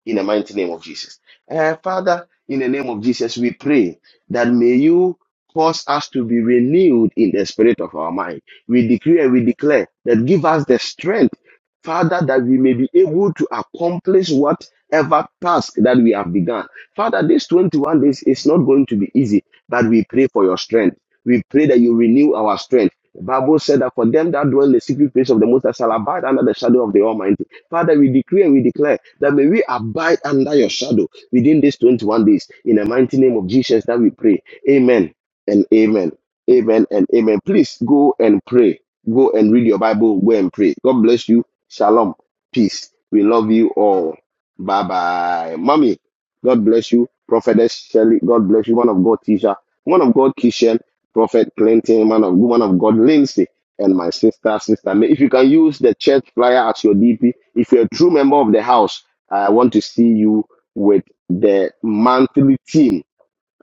Speaker 6: in the mighty name of Jesus. Eh, Father, in the name of Jesus, we pray that may you cause us to be renewed in the spirit of our mind. We decree and we declare that give us the strength, Father, that we may be able to accomplish whatever task that we have begun. Father, this 21 days is not going to be easy, but we pray for your strength. We pray that you renew our strength. The Bible said that for them that dwell in the secret place of the Most High shall abide under the shadow of the Almighty. Father, we decree and we declare that may we abide under your shadow within these 21 days. In the mighty name of Jesus that we pray. Amen and amen. Amen and amen. Please go and pray. Go and read your Bible. Go and pray. God bless you. Shalom. Peace. We love you all. Bye bye. Mommy, God bless you. Prophetess Shelley, God bless you. One of God, teacher. One of God, Kishan. Prophet Clinton, man of woman of God Lindsay, and my sister, sister. May. If you can use the church flyer as your DP, if you're a true member of the house, I want to see you with the monthly team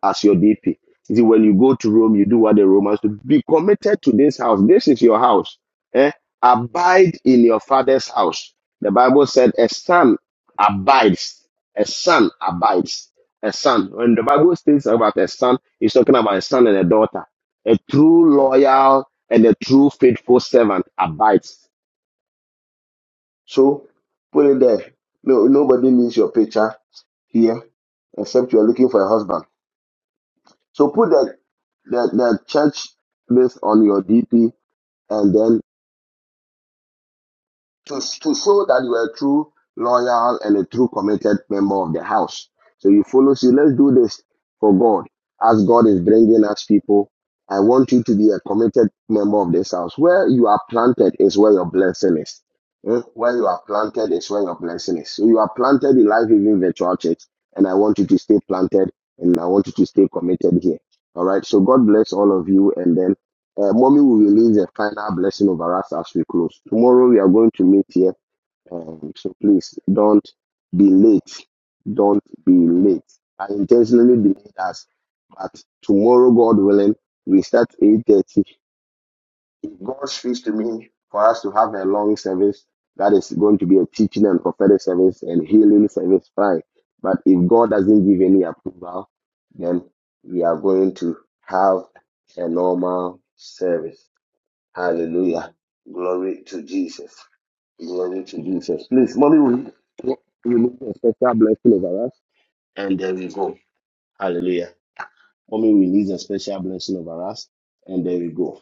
Speaker 6: as your DP. You see, when you go to Rome, you do what the Romans do. Be committed to this house. This is your house. Eh? Abide in your father's house. The Bible said a son abides. A son abides. A son. When the Bible speaks about a son, it's talking about a son and a daughter. A true loyal and a true faithful servant abides. So put it there. No, nobody needs your picture here except you are looking for a husband. So put the the, the church based on your DP and then to, to show that you are a true loyal and a true committed member of the house. So you follow, see, let's do this for God. As God is bringing us people, I want you to be a committed member of this house. Where you are planted is where your blessing is. Eh, Where you are planted is where your blessing is. So you are planted in life, Giving virtual church, and I want you to stay planted and I want you to stay committed here. All right. So God bless all of you, and then uh, mommy will release a final blessing over us as we close. Tomorrow we are going to meet here. Um, so please don't be late. Don't be late. I intentionally delayed us, but tomorrow, God willing, we start 8:30. If God speaks to me for us to have a long service, that is going to be a teaching and prophetic service and healing service, fine. But if God doesn't give any approval, then we are going to have a normal service. Hallelujah. Glory to Jesus. Glory to Jesus. Please, mommy, we, we need a special blessing over us. And there we go. Hallelujah. Mommy, we need a special blessing over us. And there we go.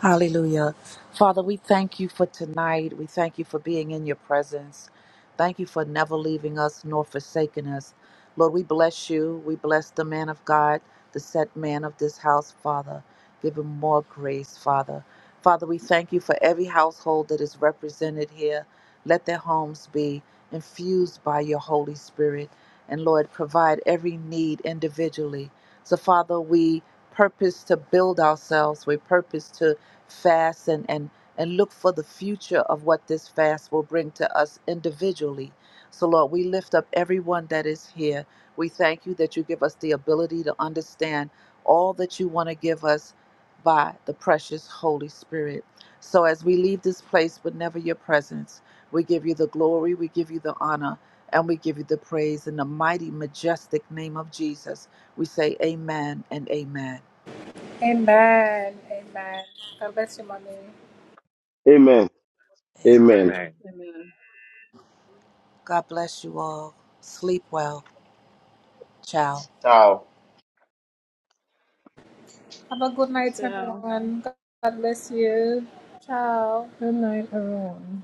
Speaker 3: Hallelujah. Father, we thank you for tonight. We thank you for being in your presence. Thank you for never leaving us nor forsaking us. Lord, we bless you. We bless the man of God, the set man of this house, Father. Give him more grace, Father. Father, we thank you for every household that is represented here. Let their homes be infused by your Holy Spirit. And Lord, provide every need individually. So, Father, we purpose to build ourselves. We purpose to fast and, and, and look for the future of what this fast will bring to us individually. So, Lord, we lift up everyone that is here. We thank you that you give us the ability to understand all that you want to give us by the precious Holy Spirit. So, as we leave this place, but never your presence, we give you the glory, we give you the honor, and we give you the praise in the mighty, majestic name of Jesus. We say, Amen and Amen.
Speaker 6: Amen.
Speaker 3: Amen.
Speaker 6: Amen.
Speaker 5: Amen.
Speaker 2: Amen.
Speaker 3: God bless you all. Sleep well. Ciao.
Speaker 6: Ciao.
Speaker 2: Shall
Speaker 7: Good night, everyone.